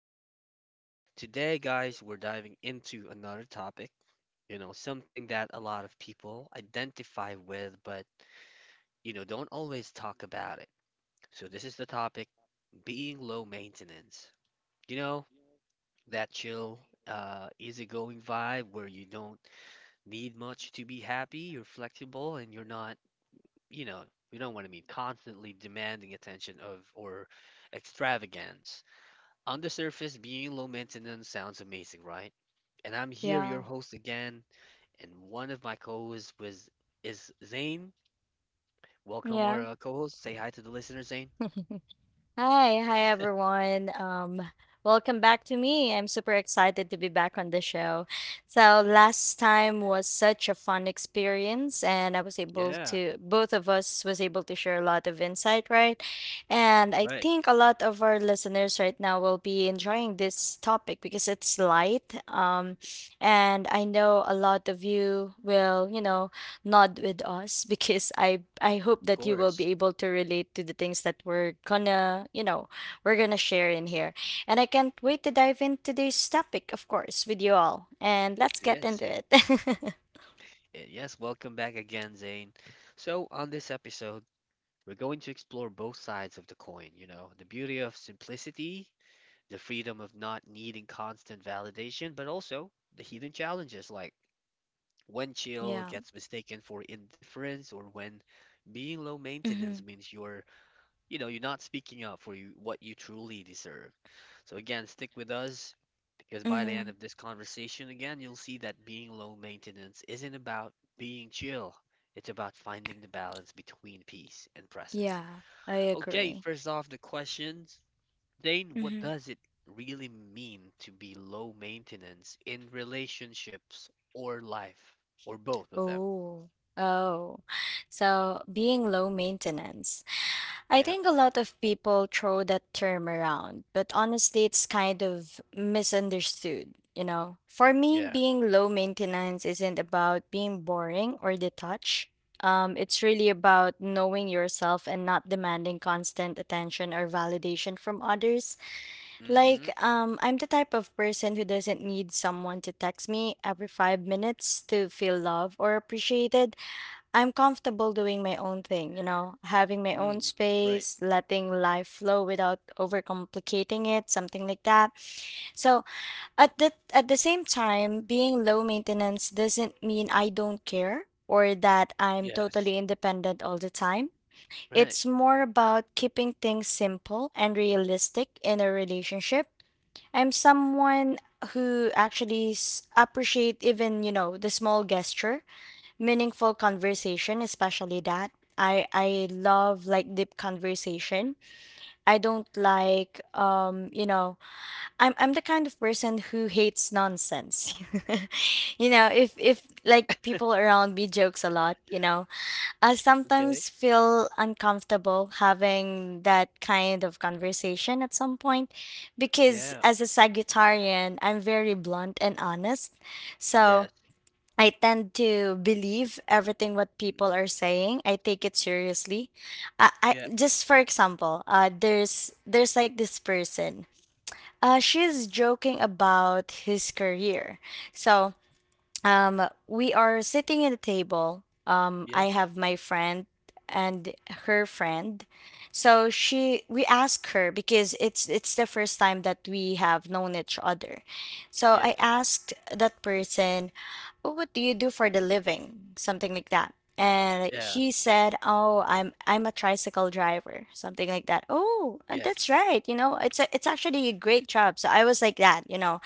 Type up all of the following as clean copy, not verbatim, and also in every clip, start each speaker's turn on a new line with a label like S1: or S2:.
S1: again. Today, guys, we're diving into another topic, something that a lot of people identify with, but, don't always talk about it. So, this is the topic being low maintenance. You know, that chill, easygoing vibe where you don't need much to be happy, you're flexible, and you're not, you know, you don't want to be constantly demanding attention of or extravagance. On the surface, being low maintenance sounds amazing, right? And I'm here, your
S2: Yeah.
S1: host again, and one of my co-hosts was is Zane. Welcome, our
S2: Yeah.
S1: co-host. Say hi to the listeners, Zane.
S2: Hi, hi everyone. Welcome back to me. I'm super excited to be back on the show. So last time was such a fun experience and I was able
S1: Yeah,
S2: to both of us was able to share a lot of insight, right? And I
S1: right.
S2: think a lot of our listeners right now will be enjoying this topic because it's light. And I know a lot of you will, you know, nod with us because I hope
S1: Of
S2: that you will be
S1: course.
S2: able to relate to the things that we're gonna, you know, we're gonna share in here. And I can't wait to dive into today's topic, of course, with you all. And let's get
S1: Yes.
S2: into it.
S1: Yes, welcome back again, Zane. So, on this episode, we're going to explore both sides of the coin, you know, the beauty of simplicity, the freedom of not needing constant validation, but also the hidden challenges like when chill
S2: Yeah.
S1: gets mistaken for indifference or when being low
S2: Mm-hmm.
S1: maintenance means you're, you're not speaking up for you, what you truly deserve. So again, stick with us because by the end
S2: Mm-hmm.
S1: of this conversation, again, you'll see that being low maintenance isn't about being chill. It's about finding the balance between peace and presence.
S2: Yeah, I
S1: Okay,
S2: agree.
S1: first off, the questions. Dane, what
S2: Mm-hmm.
S1: does it really mean to be low maintenance in relationships or life or both of them?
S2: Oh. Oh. So being low maintenance. I
S1: Yeah,
S2: think a lot of people throw that term around, but honestly, it's kind of misunderstood, you know? For me,
S1: yeah.
S2: being low maintenance isn't about being boring or detached. It's really about knowing yourself and not demanding constant attention or validation from others. Like,
S1: Mhm.
S2: I'm the type of person who doesn't need someone to text me every 5 minutes to feel loved or appreciated. I'm comfortable doing my own thing, you know, having my own
S1: Mm. Right.
S2: space, letting life flow without overcomplicating it, something like that. So at the same time, being low maintenance doesn't mean I don't care or that I'm
S1: Yes.
S2: totally independent all the time.
S1: Right.
S2: It's more about keeping things simple and realistic in a relationship. I'm someone who actually appreciate even, you know, the small gesture meaningful conversation, especially that I love like deep conversation. I don't like you know, I'm the kind of person who hates nonsense. You know, if like people around me jokes a lot, you know, I
S1: Okay.
S2: sometimes feel uncomfortable having that kind of conversation at some point, because
S1: Yeah.
S2: as a Sagittarian, I'm very blunt and honest. So
S1: Yes.
S2: I tend to believe everything what people are
S1: Mm-mm.
S2: saying. I take it seriously. I
S1: Yep.
S2: Just for example, there's like this person. She's joking about his career. So we are sitting at a table, I
S1: Yes.
S2: have my friend and her friend. So she we ask her, because it's the first time that we have known each other, so I
S1: Yes.
S2: asked that person, "Oh, what do you do for the living," something like that. And
S1: Yeah.
S2: he said, "Oh, I'm a tricycle driver," something like that. "Oh, that's
S1: Yes.
S2: right, you know, it's it's actually a great job," so I was like that, you know.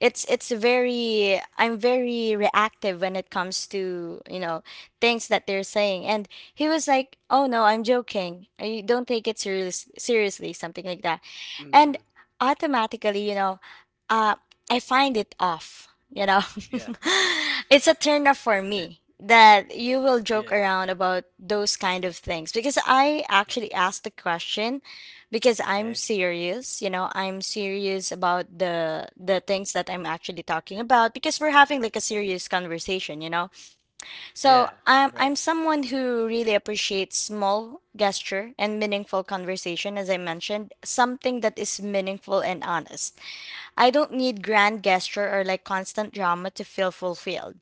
S2: It's very, I'm very reactive when it comes to, you know, things that they're saying. And he was like, "Oh no, I'm joking. I don't take it seriously," something like that. And
S1: Mhm.
S2: automatically, you know, uh, I find it off. You know,
S1: Yeah.
S2: it's a turn off for me that you will joke
S1: Yeah.
S2: around about those kind of things, because I
S1: Mm.
S2: actually asked the question because I'm
S1: Okay.
S2: serious, you know, I'm serious about the things that I'm actually talking about, because we're having like a serious conversation, you know. So
S1: Yeah. Right.
S2: I'm someone who really appreciates small gesture and meaningful conversation, as I mentioned, something that is meaningful and honest. I don't need grand gesture or like constant drama to feel fulfilled.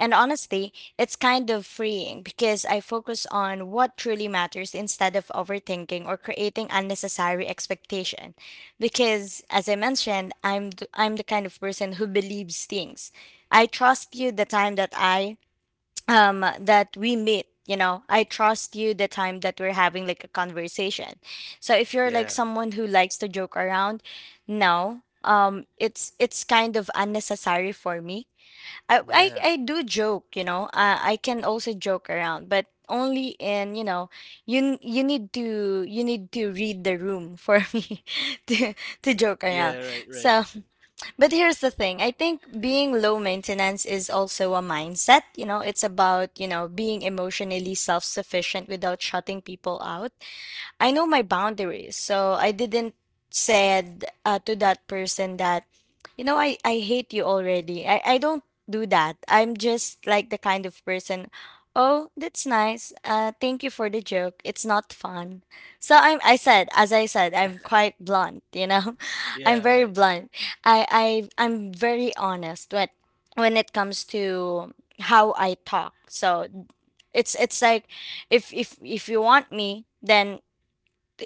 S2: And honestly, it's kind of freeing because I focus on what truly matters instead of overthinking or creating unnecessary expectation. Because as I mentioned, I'm the kind of person who believes things. I trust you the time that I that we meet, you know. I trust you the time that we're having like a conversation. So if you're like
S1: Yeah.
S2: someone who likes to joke around, no, it's kind of unnecessary for me.
S1: Yeah.
S2: I do joke, you know. I can also joke around, but only in, you know, you need to, you need to read the room for me to joke around.
S1: Yeah. Right. Right.
S2: So but here's the thing. I think being low maintenance is also a mindset. You know, it's about, you know, being emotionally self sufficient without shutting people out. I know my boundaries, so I didn't said to that person that, you know, I hate you already. I don't do that. I'm just like the kind of person. Oh, that's nice. Thank you for the joke. It's not fun. I said, as I said, I'm quite blunt. You know, I'm
S1: Yeah.
S2: very
S1: Right.
S2: blunt. I I'm very honest when it comes to how I talk. So it's like if you want me, then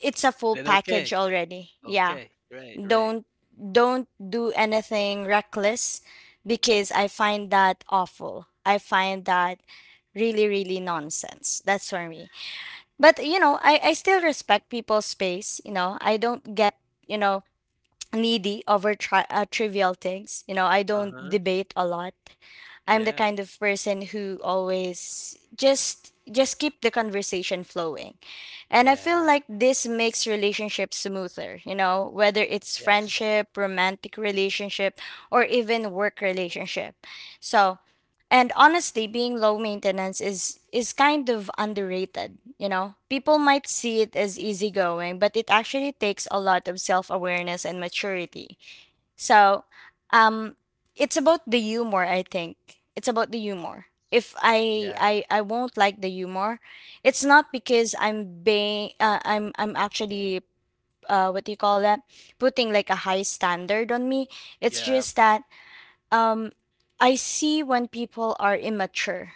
S2: it's a full
S1: Then okay.
S2: package already. Yeah.
S1: Okay. Right. Right.
S2: Don't do anything reckless because I find that awful. I find that really nonsense. That's for me. But you know, I still respect people's space, you know. I don't get, you know, needy over trivial things. You know, I
S1: Uh
S2: don't
S1: huh.
S2: debate a lot. I'm the
S1: Yeah.
S2: kind of person who always just keep the conversation flowing. And I feel
S1: Yeah.
S2: like this makes relationships smoother, you know, whether it's
S1: Yes.
S2: friendship, romantic relationship, or even work relationship. So, and honestly, being low maintenance is kind of underrated, you know? People might see it as easygoing, but it actually takes a lot of self-awareness and maturity. So, um it's about the humor, I think. It's about the humor. If
S1: Yeah.
S2: I won't like the humor, it's not because I'm being I'm actually what do you call that? Putting like a high standard on me. It's
S1: Yeah.
S2: just that um, I see when people are immature.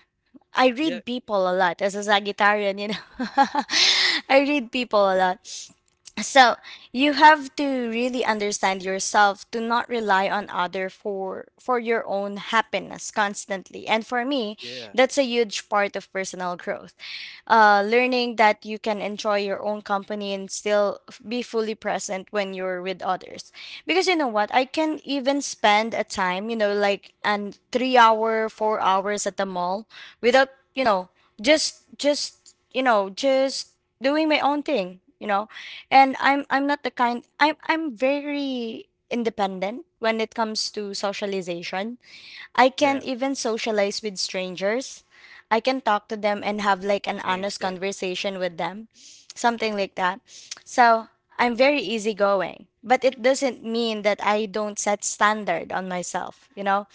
S2: I
S1: Yeah.
S2: read people a lot as a Sagittarian, you know. I read people a lot. So you have to really understand yourself. Do not rely on other for your own happiness constantly. And for me,
S1: Yeah.
S2: that's a huge part of personal growth. Learning that you can enjoy your own company and still be fully present when you're with others. Because you know what, I can even spend a time, you know, like an 3 hour, 4 hours at the mall without, you know, just you know, just doing my own thing, you know. And I'm not the kind I'm very independent when it comes to socialization. I can
S1: Yeah.
S2: even socialize with strangers. I can talk to them and have like an
S1: Same.
S2: honest
S1: Same.
S2: conversation with them, something like that. So I'm very easygoing, but it doesn't mean that I don't set standard on myself. You know,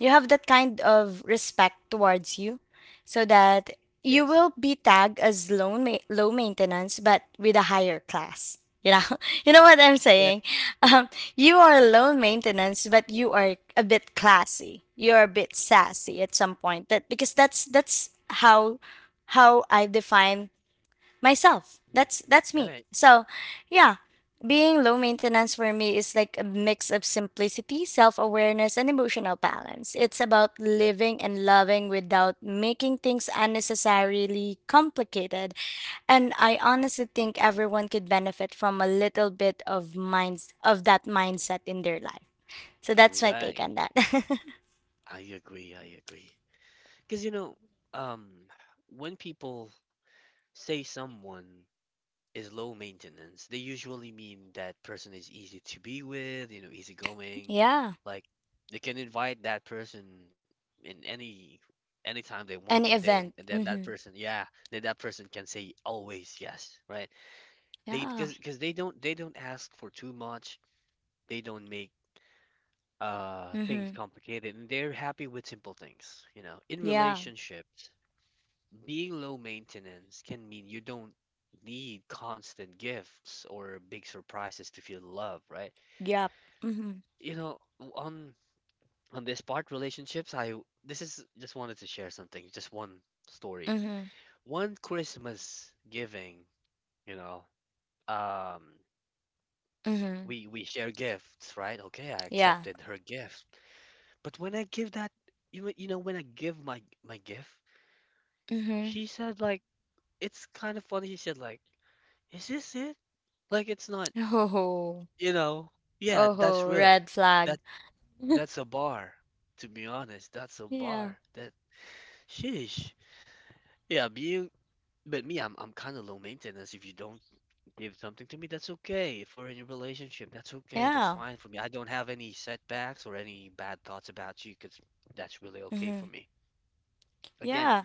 S2: you have that kind of respect towards you, so that you
S1: Yes.
S2: will be tagged as low maintenance, but with a higher class. You know, you know what I'm
S1: Yeah.
S2: saying. Um, you are low maintenance, but you are a bit classy. You are a bit sassy at some point. That because that's how I define myself.
S1: Mm.
S2: That's me.
S1: Right.
S2: So, yeah, being low maintenance for me is like a mix of simplicity, self-awareness, and emotional balance. It's about
S1: Yes.
S2: living and loving without making things unnecessarily complicated, and I honestly think everyone could benefit from a little bit of minds of that mindset in their life. So that's my take
S1: Right.
S2: on that.
S1: I agree. I agree. Because, you know, um, when people say someone is low maintenance, they usually mean that person is easy to be with, you know, easygoing.
S2: Yeah.
S1: Like they can invite that person in anytime they want, and
S2: Any
S1: then
S2: event.
S1: and then that
S2: Mm-hmm.
S1: person, yeah, then that person can say always yes, right? They
S2: Yeah.
S1: because they don't ask for too much. They don't make things
S2: Mm-hmm.
S1: complicated and they're happy with simple things, you know. In
S2: Yeah.
S1: relationships, being low maintenance can mean you don't need constant gifts or big surprises to feel love, right?
S2: Yep. Mm-hmm.
S1: You know, on this part relationships, I this is just wanted to share something, just one story.
S2: Mm-hmm.
S1: One Christmas giving, you know, um,
S2: Mm-hmm.
S1: we share gifts, right? Okay, I
S2: Yeah.
S1: accepted her gift, but when I give that, you know when I give my gift,
S2: Mm-hmm.
S1: she said like, it's kind of funny. She said like, "Is this it? Like it's not,
S2: Oh.
S1: you know?" Yeah, that's
S2: Oh.
S1: real.
S2: Red flag.
S1: That that's a bar. To be honest, that's a
S2: Yeah.
S1: bar. That sheesh. Yeah, being but me, I'm kind of low maintenance. If you don't give something to me, that's okay. If we're in a relationship, that's okay. That's
S2: Yeah.
S1: fine for me. I don't have any setbacks or any bad thoughts about you, 'cause that's really okay for
S2: Mm-hmm.
S1: me. Again,
S2: Yeah.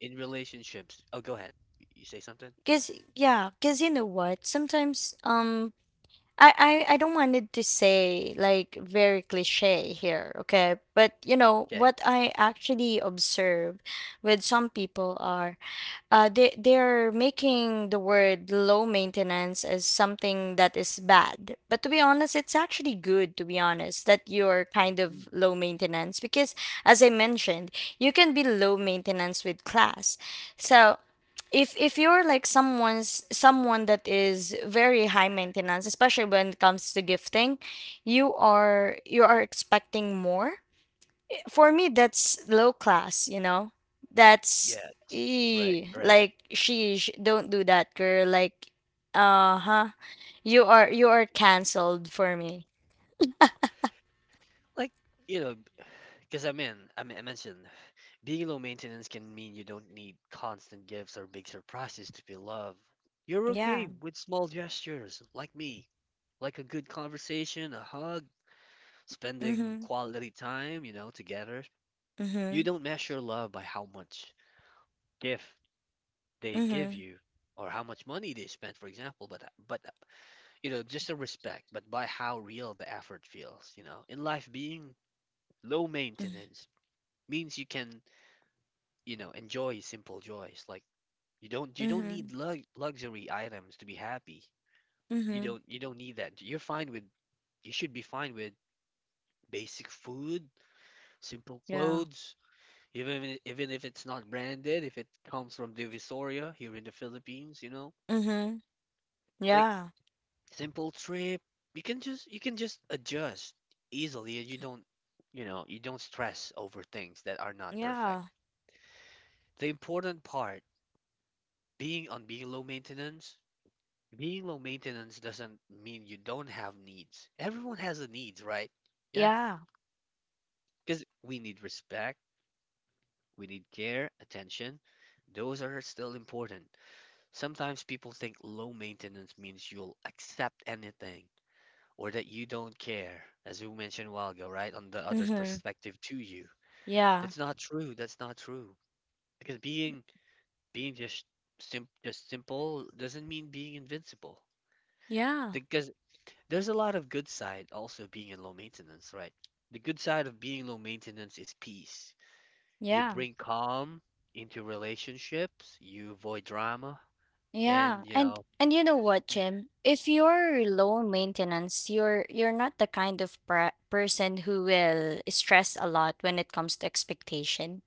S1: in relationships. Oh, go ahead. You say something?
S2: Cause yeah. Cause you know what? Sometimes I don't want it to say like very cliche here, okay? But you know,
S1: Okay.
S2: what I actually observe with some people are they're making the word low maintenance as something that is bad. But to be honest, it's actually good to be honest that you're kind of
S1: Mm-hmm.
S2: low maintenance, because as I mentioned, you can be low maintenance with class. So if you're like someone that is very high maintenance, especially when it comes to gifting, you are expecting more. For me, that's low class, you know. That's
S1: Yes, right,
S2: ee,
S1: right.
S2: like sheesh, don't do that, girl, like, uh-huh, you are canceled for me.
S1: Like, you know, because I mentioned being low maintenance can mean you don't need constant gifts or big surprises to feel love. You're
S2: Yeah.
S1: okay with small gestures, like me, like a good conversation, a hug, spending
S2: Mm-hmm.
S1: quality time, you know, together. You
S2: Mm-hmm.
S1: don't measure love by how much gift they give
S2: Mm-hmm.
S1: you or how much money they spent, for example, but, you know, just a respect, but by how real the effort feels, you know. In life, being low
S2: Mm-hmm.
S1: maintenance means you can, you know, enjoy simple joys. Like, you don't
S2: Mm-hmm.
S1: need lug luxury items to be happy. You
S2: Mm-hmm.
S1: don't you don't need that. You're fine with you should be fine with basic food, simple
S2: Yeah.
S1: clothes, even if it's not branded, if it comes from Divisoria here in the Philippines, you know,
S2: Mm-hmm.
S1: like
S2: Yeah.
S1: simple trip. You can just adjust easily, and you know you don't stress over things that are not perfect.
S2: Yeah.
S1: The important part, being on being low maintenance, being low maintenance doesn't mean you don't have needs. Everyone has a needs, right? Yeah,
S2: Yeah.
S1: because we need respect, we need care, attention. Those are still important. Sometimes people think low maintenance means you'll accept anything or that you don't care, as we mentioned a while ago, right? On the other's
S2: Mm-hmm.
S1: perspective to you.
S2: Yeah.
S1: That's not true. That's not true. Because being just simple doesn't mean being invincible.
S2: Yeah.
S1: Because there's a lot of good side also being in low maintenance, right? The good side of being low maintenance is peace. You
S2: Yeah.
S1: bring calm into relationships, you avoid drama,
S2: Yeah,
S1: and you know,
S2: and you know what,
S1: mm,
S2: Jim? If you're low maintenance, you're not the kind of person who will stress a lot when it comes to expectation.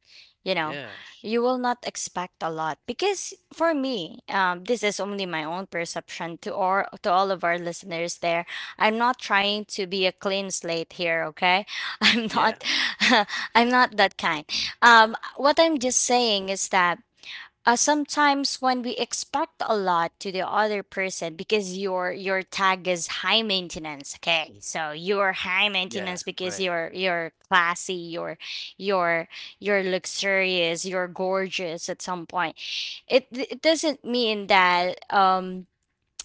S2: You know,
S1: yeah,
S2: you will not expect a lot, because for me, this is only my own perception to or to all of our listeners there. I'm not trying to be a clean slate here, okay? I'm
S1: yeah,
S2: not, I'm not that kind. What I'm just saying is that sometimes when we expect a lot to the other person, because your tag is high maintenance. Okay, so you're high
S1: yeah,
S2: maintenance because
S1: right,
S2: you're classy, you're you're luxurious, you're gorgeous. At some point, it doesn't mean that um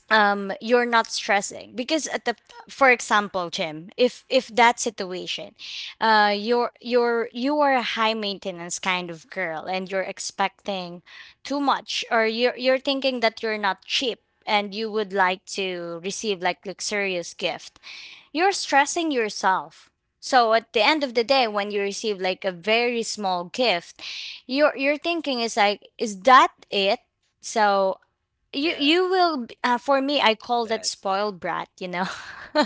S2: um you're not stressing because at the... For example, Jim, if that situation, you are a high maintenance kind of girl and you're expecting too much, or you're thinking that you're not cheap, and you would like to receive like luxurious gift. You're stressing yourself. So at the end of the day, when you receive like a very small gift, your thinking is like, is that it? So
S1: yeah,
S2: for me, I call that
S1: that,
S2: spoiled brat.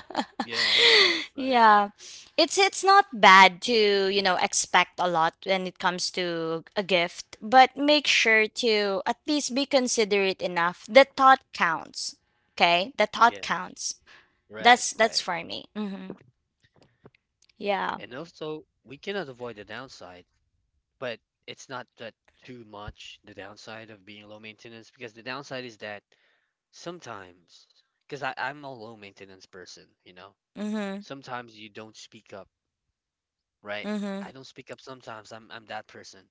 S1: yeah, right, right,
S2: Yeah. It's not bad to, expect a lot when it comes to a gift, but make sure to at least be considerate enough. The thought counts. Okay? The
S1: yeah,
S2: thought counts.
S1: right,
S2: That's
S1: right.
S2: for me. Mhm. Yeah.
S1: And also, we cannot avoid the downside, but it's not that too much the downside of being low maintenance because the downside is that sometimes, because I'm a low maintenance person, you know.
S2: Mhm.
S1: Sometimes you don't speak up, right?
S2: Mhm.
S1: I don't speak up sometimes. I'm that person.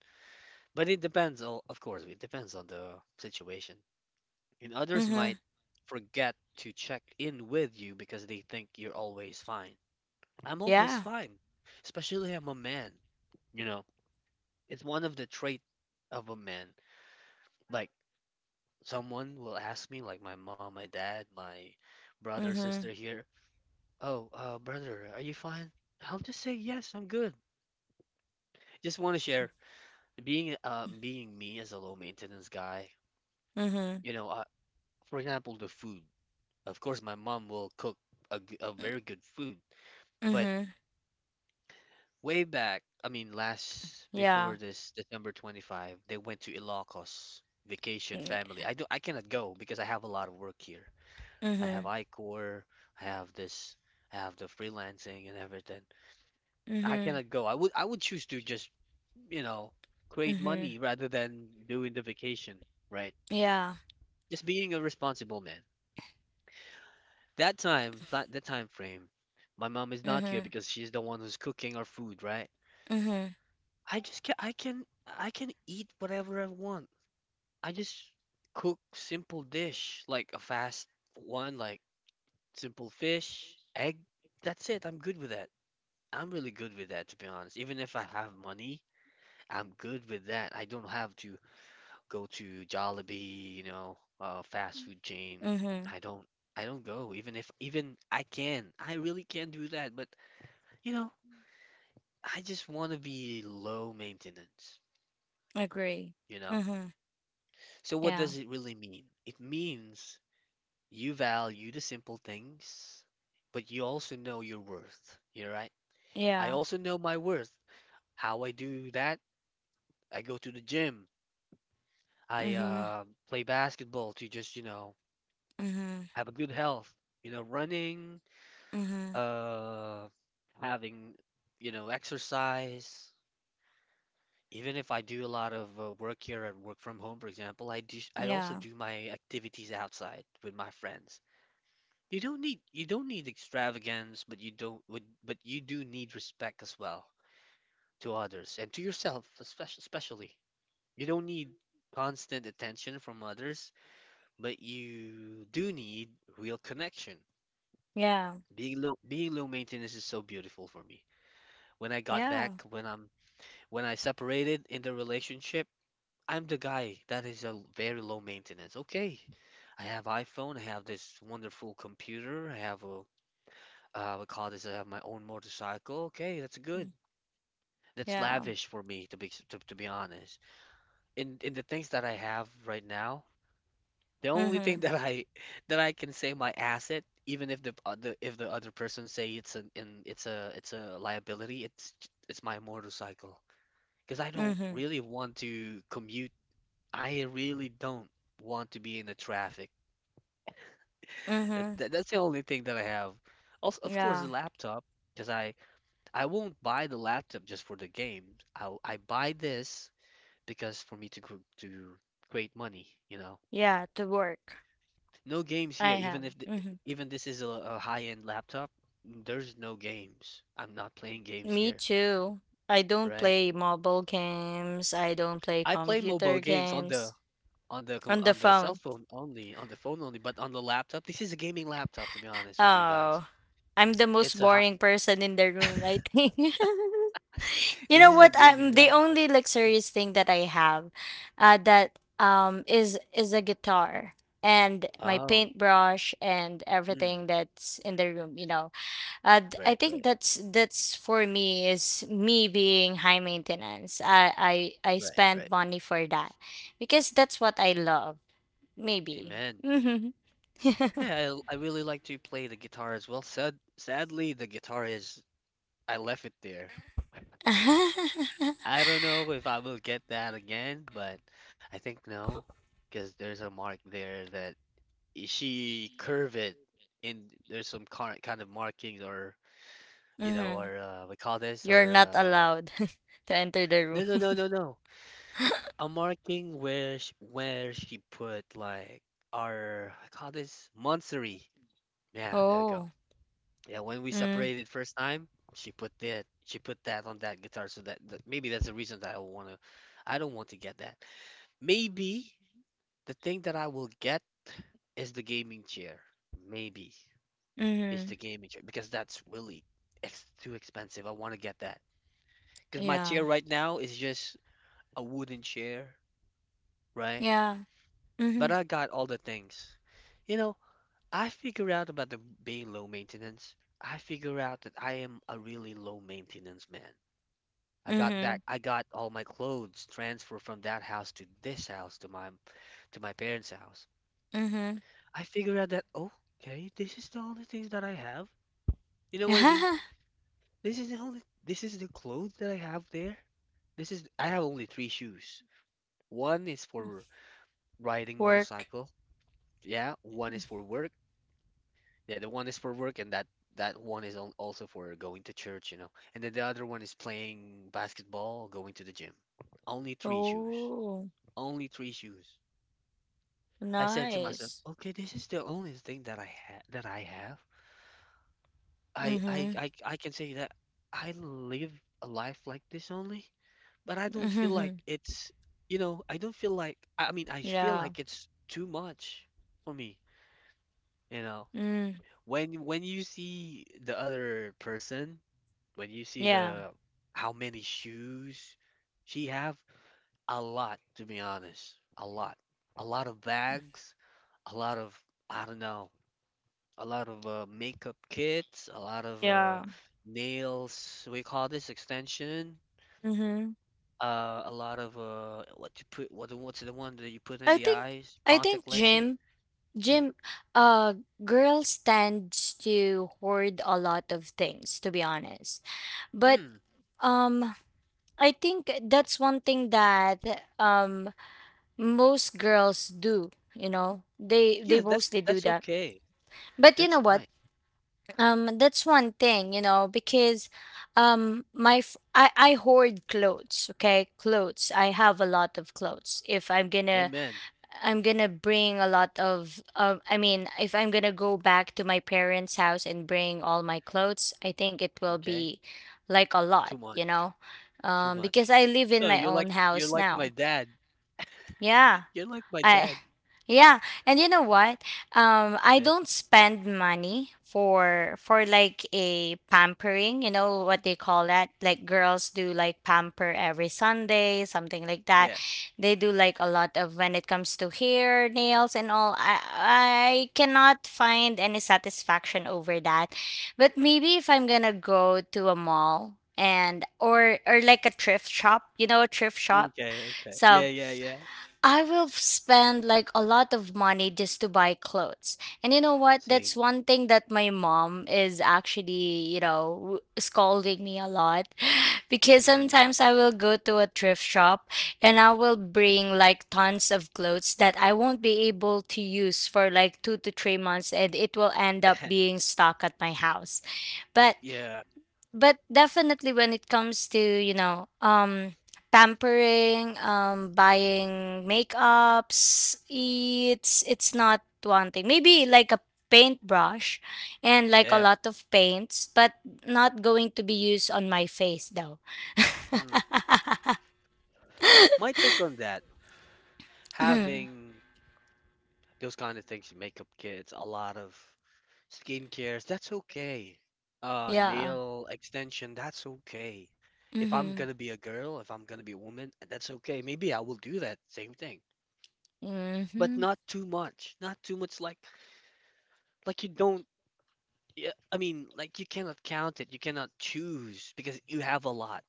S1: But it depends, of course, it depends on the situation. And others
S2: Mhm.
S1: might forget to check in with you because they think you're always fine. I'm always
S2: Yeah.
S1: fine, especially I'm a man, you know. It's one of the trait of a man. Like someone will ask me, like my mom, my dad, my brother,
S2: Mhm.
S1: sister here. Oh, brother, are you fine? I'll just say yes, I'm good. Just want to share being being me as a low maintenance guy.
S2: Mhm.
S1: You know, for example, the food. Of course, my mom will cook a very good food. But
S2: Mhm.
S1: way back, I mean, last
S2: Yeah.
S1: before this December 25, they went to Ilocos vacation
S2: Mhm.
S1: family. I cannot go because I have a lot of work here. I have
S2: Mhm.
S1: iCor, I have this, I have the freelancing and everything. I cannot go. I would choose to just, you know, create
S2: Mhm.
S1: money rather than doing the vacation, right?
S2: Yeah.
S1: Just being a responsible man. That time, that time frame, my mom is not here
S2: Mm-hmm.
S1: because she's the one who's cooking our food, right?
S2: Mm-hmm.
S1: I just can I can I can eat whatever I want. I just cook simple dish like a fast one, like simple fish, egg. That's it. I'm good with that. I'm really good with that, to be honest. Even if I have money, I'm good with that. I don't have to go to Jollibee, you know, fast food chain.
S2: Mm-hmm.
S1: I don't, I don't go. Even if, even I can, I really can do that. But, you know, I just want to be low maintenance.
S2: Agree.
S1: You know.
S2: Mm-hmm.
S1: So what
S2: Yeah.
S1: does it really mean? It means you value the simple things, but you also know your worth. You're right. I
S2: Yeah.
S1: also know my worth. How I do that? I go to the gym. I
S2: Mm-hmm.
S1: play basketball to just, you know,
S2: Mm-hmm.
S1: have a good health. You know, running,
S2: Mm-hmm.
S1: uh, having, you know, exercise, even if I do a lot of work here at work from home. For example, I also
S2: Yeah.
S1: do my activities outside with my friends. You don't need you don't need extravagance, but you don't but you do need respect as well, to others and to yourself, especially you don't need constant attention from others, but you do need real connection.
S2: Yeah.
S1: Being low maintenance is so beautiful for me. when I got back
S2: Yeah.
S1: when I'm When I separated in the relationship, I'm the guy that is very low maintenance. Okay, I have iPhone, I have this wonderful computer, I have a we call this, I have my own motorcycle. Okay, that's good.
S2: Mm.
S1: That's
S2: Yeah.
S1: lavish for me to to be honest. In the things that I have right now, the only thing
S2: Mm-hmm.
S1: that I that I can say my asset, even if the other person say it's an in it's a liability, it's my motorcycle because I don't
S2: Mm-hmm.
S1: really want to commute. I really don't want to be in the traffic.
S2: Mm-hmm.
S1: That's the only thing that I have. Also, of course, the
S2: Yeah.
S1: laptop, because I won't buy the laptop just for the game. I buy this because for me to create money, you know.
S2: Yeah. To work.
S1: No games
S2: I
S1: here, even
S2: am.
S1: if
S2: Mm-hmm.
S1: even this is a high-end laptop, there's no games. I'm not playing games
S2: Me
S1: here,
S2: too. I don't
S1: right?
S2: play mobile games. I don't play
S1: I play mobile
S2: computer
S1: games on
S2: games.
S1: the
S2: On the
S1: on the cell
S2: phone.
S1: phone only, on the phone only, but on the laptop, this is a gaming laptop, to be honest with you guys.
S2: Oh. I'm the most
S1: It's a hot.
S2: boring person in the room, I think. You
S1: This
S2: know
S1: is a
S2: what?
S1: gaming
S2: I'm the
S1: laptop.
S2: only luxurious thing that I have, that is a guitar, and my
S1: Oh,
S2: paintbrush and
S1: mm,
S2: everything that's in the room. I
S1: right,
S2: think
S1: right,
S2: that's for me is me being high maintenance. I
S1: right,
S2: spend
S1: right.
S2: money for that because that's what I love. Maybe.
S1: Amen.
S2: Mm-hmm.
S1: Yeah, I really like to play the guitar as well. Sadly, the guitar is I left it there. I don't know if I will get that again, but I think no, because there's a mark there that she curve it, and there's some kind of markings or
S2: Mm-hmm.
S1: we call this
S2: You're
S1: or
S2: not allowed to enter the room.
S1: no, no, no, no, no, a marking where where she put like our, I call this monthsary. Yeah, there we go.
S2: Oh.
S1: Yeah, when we
S2: Mm.
S1: separated first time, she put that on that guitar, so that maybe that's the reason that I want to. I don't want to get that. Maybe the thing that I will get is the gaming chair. Maybe is
S2: Mm-hmm.
S1: the gaming chair because that's really ex too expensive. I want to get that because my
S2: Yeah.
S1: chair right now is just a wooden chair, right?
S2: Yeah.
S1: But
S2: Mhm.
S1: I got all the things. You know, I figure out about the being low maintenance. I figure out that I am a really low maintenance man.
S2: Mhm.
S1: I got all my clothes transferred from that house to this house to my parents' house.
S2: Mhm.
S1: I figure out that oh, okay, this is the only things that I have. You know what I mean? This is the clothes that I have there. This is I have only three shoes. One is for riding
S2: Work.
S1: motorcycle. Yeah, one is for work Yeah, the one is for work, and that one is also for going to church, you know. And then the other one is playing basketball, going to the gym. Only three shoes.
S2: Oh,
S1: Only three shoes. I said to myself,
S2: nice.
S1: okay, this is the only thing that I ha that I have. I, I
S2: Mhm.
S1: I I can say that I live a life like this only, but I don't feel like
S2: Mhm.
S1: I don't feel like I feel
S2: Yeah.
S1: like it's too much for me, you know.
S2: Mm.
S1: When you see the other person, when you see
S2: Yeah.
S1: the how many shoes she have, a lot to be honest, a lot of bags, a lot of, I don't know, a lot of makeup kits, a lot of
S2: Yeah.
S1: nails. We call this extension.
S2: Mhm.
S1: A lot of what you what what's the one that you put in
S2: I
S1: the
S2: think
S1: eyes?
S2: I think
S1: Contact lenses.
S2: gym
S1: Mm,
S2: gym uh girls tends to hoard a lot of things to be honest. But
S1: mm.
S2: um I think that's one thing that most girls do. They
S1: Yes, that's
S2: mostly do
S1: that's
S2: that.
S1: okay.
S2: But you
S1: That's
S2: know what?
S1: fine.
S2: That's one thing, because I hoard clothes. Okay, clothes. I have a lot of clothes. If I'm gonna,
S1: Amen.
S2: I'm gonna bring a lot of. I mean, if I'm gonna go back to my parents' house and bring all my clothes, I think it will
S1: Okay.
S2: be like a
S1: Too
S2: lot,
S1: much. Too much.
S2: because I live
S1: No,
S2: in my own
S1: you're
S2: house
S1: like my
S2: now.
S1: dad.
S2: Yeah.
S1: You're like my
S2: I
S1: dad.
S2: Yeah, and you know what? I
S1: Okay.
S2: don't spend money for like a pampering. You know what they call that? Like girls do like pamper every Sunday, something like that.
S1: Yeah.
S2: They do like a lot of when it comes to hair, nails, and all. I cannot find any satisfaction over that. But maybe if I'm gonna go to a mall and or like a thrift shop, a thrift shop.
S1: Okay. Okay. Yeah.
S2: So
S1: Yeah. Yeah.
S2: I will spend like a lot of money just to buy clothes. And you know what? That's
S1: Same.
S2: one thing that my mom is actually, scolding me a lot. Because
S1: Hmm.
S2: sometimes I will go to a thrift shop and I will bring like tons of clothes that I won't be able to use for like 2 to 3 months, and it will end up being stuck at my house. But
S1: Yeah.
S2: but definitely when it comes to pampering, buying makeups, it's not one thing, maybe like a paintbrush and like a
S1: Yeah.
S2: lot of paints, but not going to be used on my face though.
S1: Mm. My take on that, having those kind of things, makeup kits, a lot of skincares, that's okay.
S2: Yeah.
S1: Nail extension, that's okay. If I'm
S2: Mm-hmm.
S1: gonna be a girl, if I'm gonna be a woman, that's okay. Maybe I will do that same thing, but
S2: Mm-hmm.
S1: not too much. Not too much. Like you don't. Yeah, I mean, like you cannot count it. You cannot choose because you have a lot.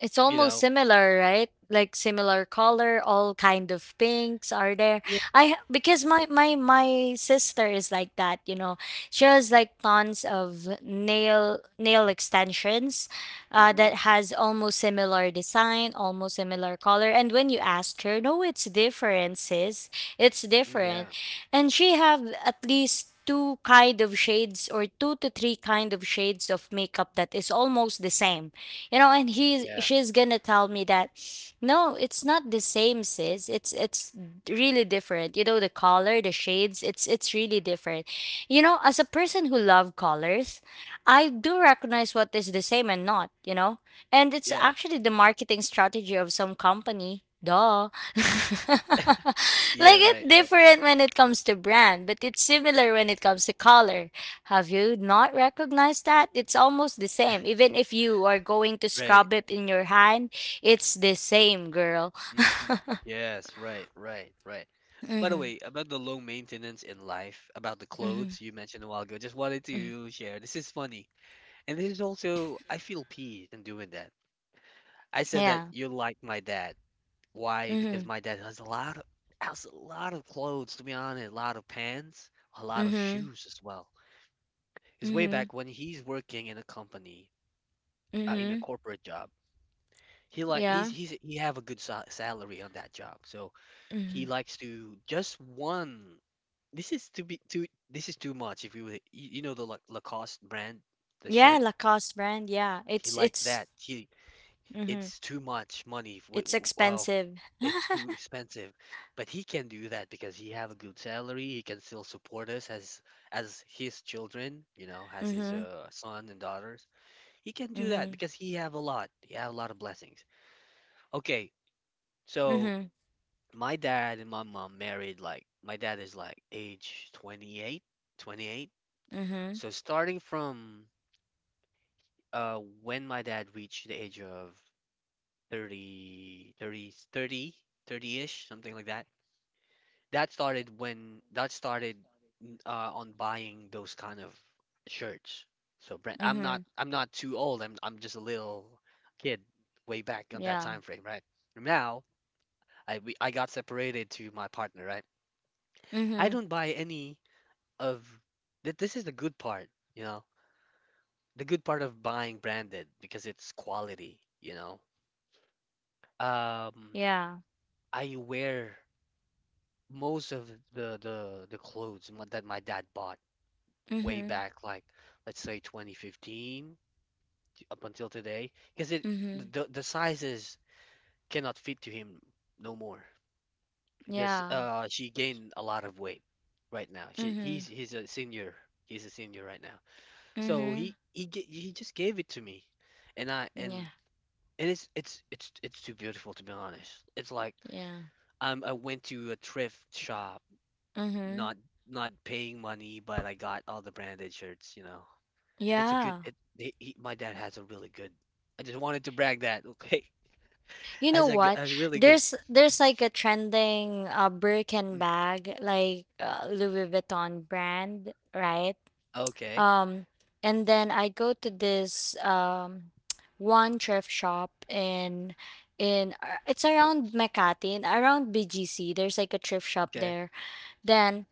S2: It's
S1: You
S2: almost
S1: know?
S2: similar, right? Like similar color, all kind of pinks are there.
S1: Yeah.
S2: I Because my sister is like that. She has like tons of nail extensions,
S1: Mhm.
S2: that has almost similar design, almost similar color. And when you ask her, no, it's different, sis. It's
S1: Mm,
S2: different.
S1: yeah.
S2: And she have at least two kind of shades, or two to three kind of shades of makeup that is almost the same, you know. And he's
S1: Yeah.
S2: she's gonna tell me that no, it's not the same, sis. It's really different, you know, the color, the shades. It's really different, you know. As a person who love colors, I do recognize what is the same and not, you know. And it's
S1: Yeah.
S2: actually the marketing strategy of some company, duh.
S1: Yeah.
S2: Like it's
S1: Right. Right.
S2: different when it comes to brand, but it's similar when it comes to color. Have you not recognized that? It's almost the same. Even if you are going to
S1: Right.
S2: scrub it in your hand, it's the same, girl.
S1: Hmm. Yes. Right. Right. Right. By the
S2: Mhm.
S1: way, about the low maintenance in life, about the
S2: Mhm.
S1: clothes you mentioned a while ago, just wanted
S2: Mhm.
S1: to share. This is funny. And this is also, I feel peace in doing that. I said that
S2: Yeah.
S1: you're like my dad. Why? Because
S2: Mhm.
S1: my dad has a lot of, has a lot of clothes, to be honest, a lot of pants, a lot of
S2: Mhm.
S1: shoes as well. It's way
S2: Mhm.
S1: back when he's working in a company, in a
S2: Mhm.
S1: corporate job.
S2: Yeah.
S1: He's he have a good sa salary on that job, so he
S2: Mhm.
S1: likes to just one. This is to be too. This is too much. If you you, you know the Lacoste brand, the
S2: Yeah,
S1: shirt,
S2: Lacoste brand. Yeah.
S1: he likes
S2: It's
S1: that. He,
S2: mhm.
S1: it's too much money. For,
S2: It's
S1: well,
S2: expensive.
S1: it's too expensive, but he can do that because he have a good salary. He can still support us as his children, you know, as his
S2: Mhm.
S1: son and daughters. He can do that
S2: Mhm.
S1: because he have a lot. He have a lot of blessings. Okay. So
S2: Mhm.
S1: my dad and my mom married, like my dad is like age 28, 28.
S2: Mhm.
S1: So starting from when my dad reached the age of 30, 30, 30, 30 ish, something like that. That started when that started on buying those kind of shirts, so brand,
S2: Mhm.
S1: I'm not too old, I'm just a little kid way back on that
S2: Yeah.
S1: time frame, right? Now I got separated to my partner, right? I
S2: Mhm.
S1: don't buy any of that. This is the good part, you know, the good part of buying branded because it's quality, you know. Um,
S2: Yeah.
S1: I wear most of the clothes that my dad bought way
S2: Mhm.
S1: back, like let's say 2015 up until today, because it,
S2: Mhm.
S1: the sizes cannot fit to him no more because
S2: Yeah.
S1: she gained a lot of weight right now. She
S2: Mhm.
S1: he's a senior. He's a senior right now. So
S2: Mhm.
S1: he just gave it to me, and I
S2: Yeah.
S1: and it's it's too beautiful to be honest. It's like
S2: Yeah.
S1: I went to a thrift shop,
S2: Mm-hmm.
S1: not not paying money, but I got all the branded shirts. You know, it's a good.
S2: Yeah.
S1: My dad has a really good. I just wanted to brag that okay,
S2: You know what?
S1: as really good.
S2: There's like a trending Birkin
S1: Mm,
S2: bag, like Louis Vuitton brand, right?
S1: okay,
S2: Um, and then I go to this one thrift shop in it's around Makati and around BGC. There's like a thrift shop
S1: okay.
S2: there. Then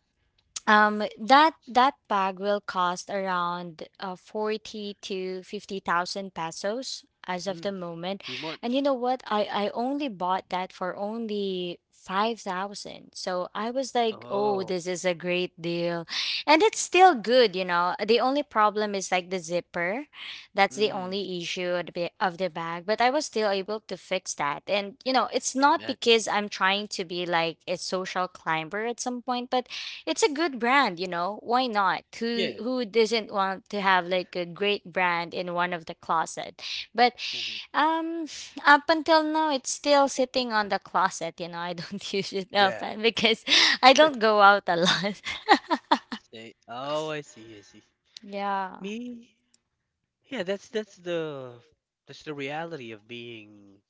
S2: That bag will cost around 40 to 50,000 pesos as of the
S1: Mm,
S2: moment.
S1: too
S2: And you
S1: much.
S2: know what? I only bought that for only 5,000. So I was like, "Oh,
S1: Oh,
S2: this is a great deal." And it's still good, you know. The only problem is like the zipper. That's the
S1: mm,
S2: only issue of the bag, but I was still able to fix that. And you know, it's not
S1: amen.
S2: because I'm trying to be like a social climber at some point, but it's a good brand, you know. Why not? Who
S1: Yeah.
S2: who doesn't want to have like a great brand in one of the closet? But
S1: Mhm,
S2: um up until now it's still sitting on the closet, you know. I don't use it
S1: yeah.
S2: often because I don't go out a lot.
S1: Stay. Oh, I see. I see.
S2: Yeah.
S1: Me? Yeah, that's the reality of being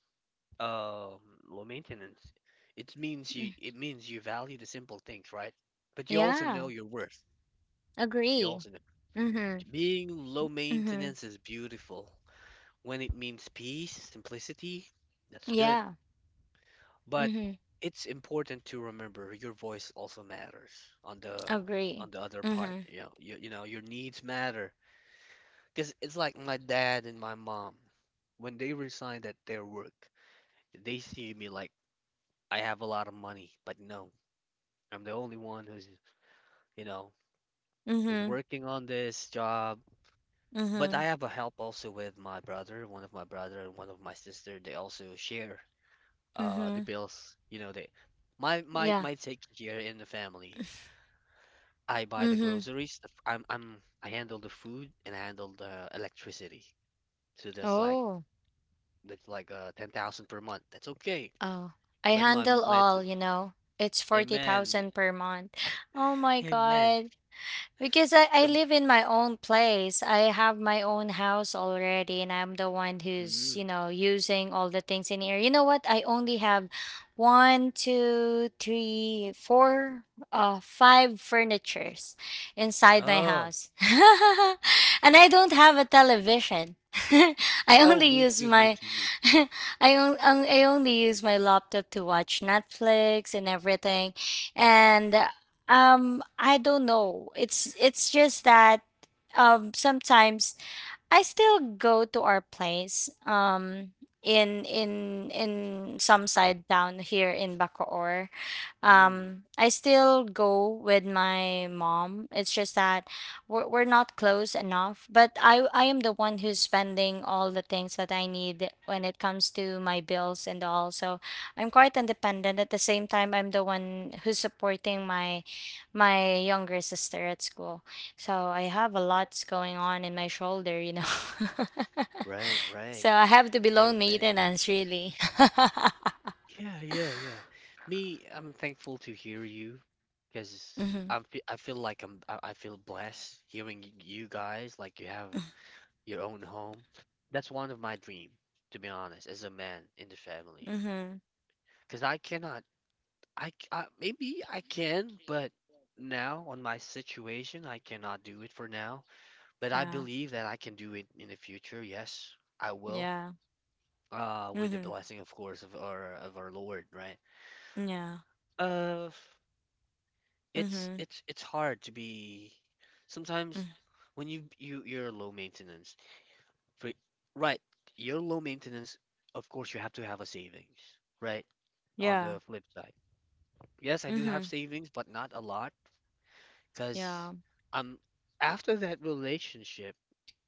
S1: um low maintenance. It means
S2: Mm.
S1: you value the simple things, right? But you also know
S2: Yeah.
S1: your worth. You
S2: Agree.
S1: also know
S2: Mhm.
S1: being low
S2: Mhm.
S1: maintenance is beautiful when it means peace, simplicity. That's good.
S2: Yeah.
S1: But
S2: Mhm.
S1: it's important to remember your voice also matters on the
S2: Agree.
S1: other part.
S2: Mhm.
S1: You know, you know your needs matter. Because it's like my dad and my mom, when they resigned at their work, they see me like I have a lot of money, but no, I'm the only one who's, you know, who's
S2: Mhm.
S1: working on this job. But I
S2: Mhm.
S1: have a help also with my brother, one of my brother and one of my sister. They also share the
S2: Mhm.
S1: bills. You know, they, my
S2: Yeah.
S1: take here in the family. I buy the
S2: Mhm.
S1: groceries. The f- I'm, I handle the food and I handle the electricity. So
S2: Oh.
S1: that's like 10,000 per month. That's okay.
S2: Oh, I
S1: But my
S2: handle
S1: my s-
S2: all, you know. It's
S1: Amen,
S2: 40,000 per month. Oh my
S1: amen.
S2: god. Because I
S1: So
S2: live in my own place. I have my own house already, and I'm the one who's,
S1: mm,
S2: using all the things in here. You know what? I only have one, two, three, four, five furnitures inside my
S1: oh
S2: house. And I don't have a television. I
S1: oh,
S2: only
S1: me
S2: use
S1: too, me
S2: my
S1: too, me
S2: I, on, I only use my laptop to watch Netflix and everything. And I don't know. It's just that sometimes I still go to our place in some side town here in Bacoor.
S1: too. Mm,
S2: I still go with my mom. It's just that we're not close enough, but I am the one who's spending all the things that I need when it comes to my bills and all. So I'm quite independent. At the same time, I'm the one who's supporting my younger sister at school. So I have a lots going on in my shoulder, you know.
S1: right,
S2: So
S1: right.
S2: I have to be loan
S1: Amen.
S2: maintenance really.
S1: Yeah, yeah, yeah. Me, I'm thankful to hear you because
S2: Mhm.
S1: I feel like I'm I feel blessed hearing you guys, like you have your own home. That's one of my dream, to be honest, as a man in the family.
S2: Mhm.
S1: Because I cannot maybe I can, but now on my situation, I cannot do it for now. But I
S2: Yeah.
S1: believe that I can do it in the future. Yes, I will.
S2: Yeah.
S1: With the
S2: Mhm.
S1: blessing, of course, of our Lord, right?
S2: Yeah.
S1: Uh,
S2: Mhm.
S1: it's hard to be.
S2: Mm.
S1: Sometimes when you're low maintenance, for right, you're low maintenance. Of course, you have to have a savings, right? On
S2: Yeah.
S1: the flip side, yes, I do have
S2: Mhm.
S1: savings, but not a lot. Because
S2: Yeah.
S1: um, after that relationship,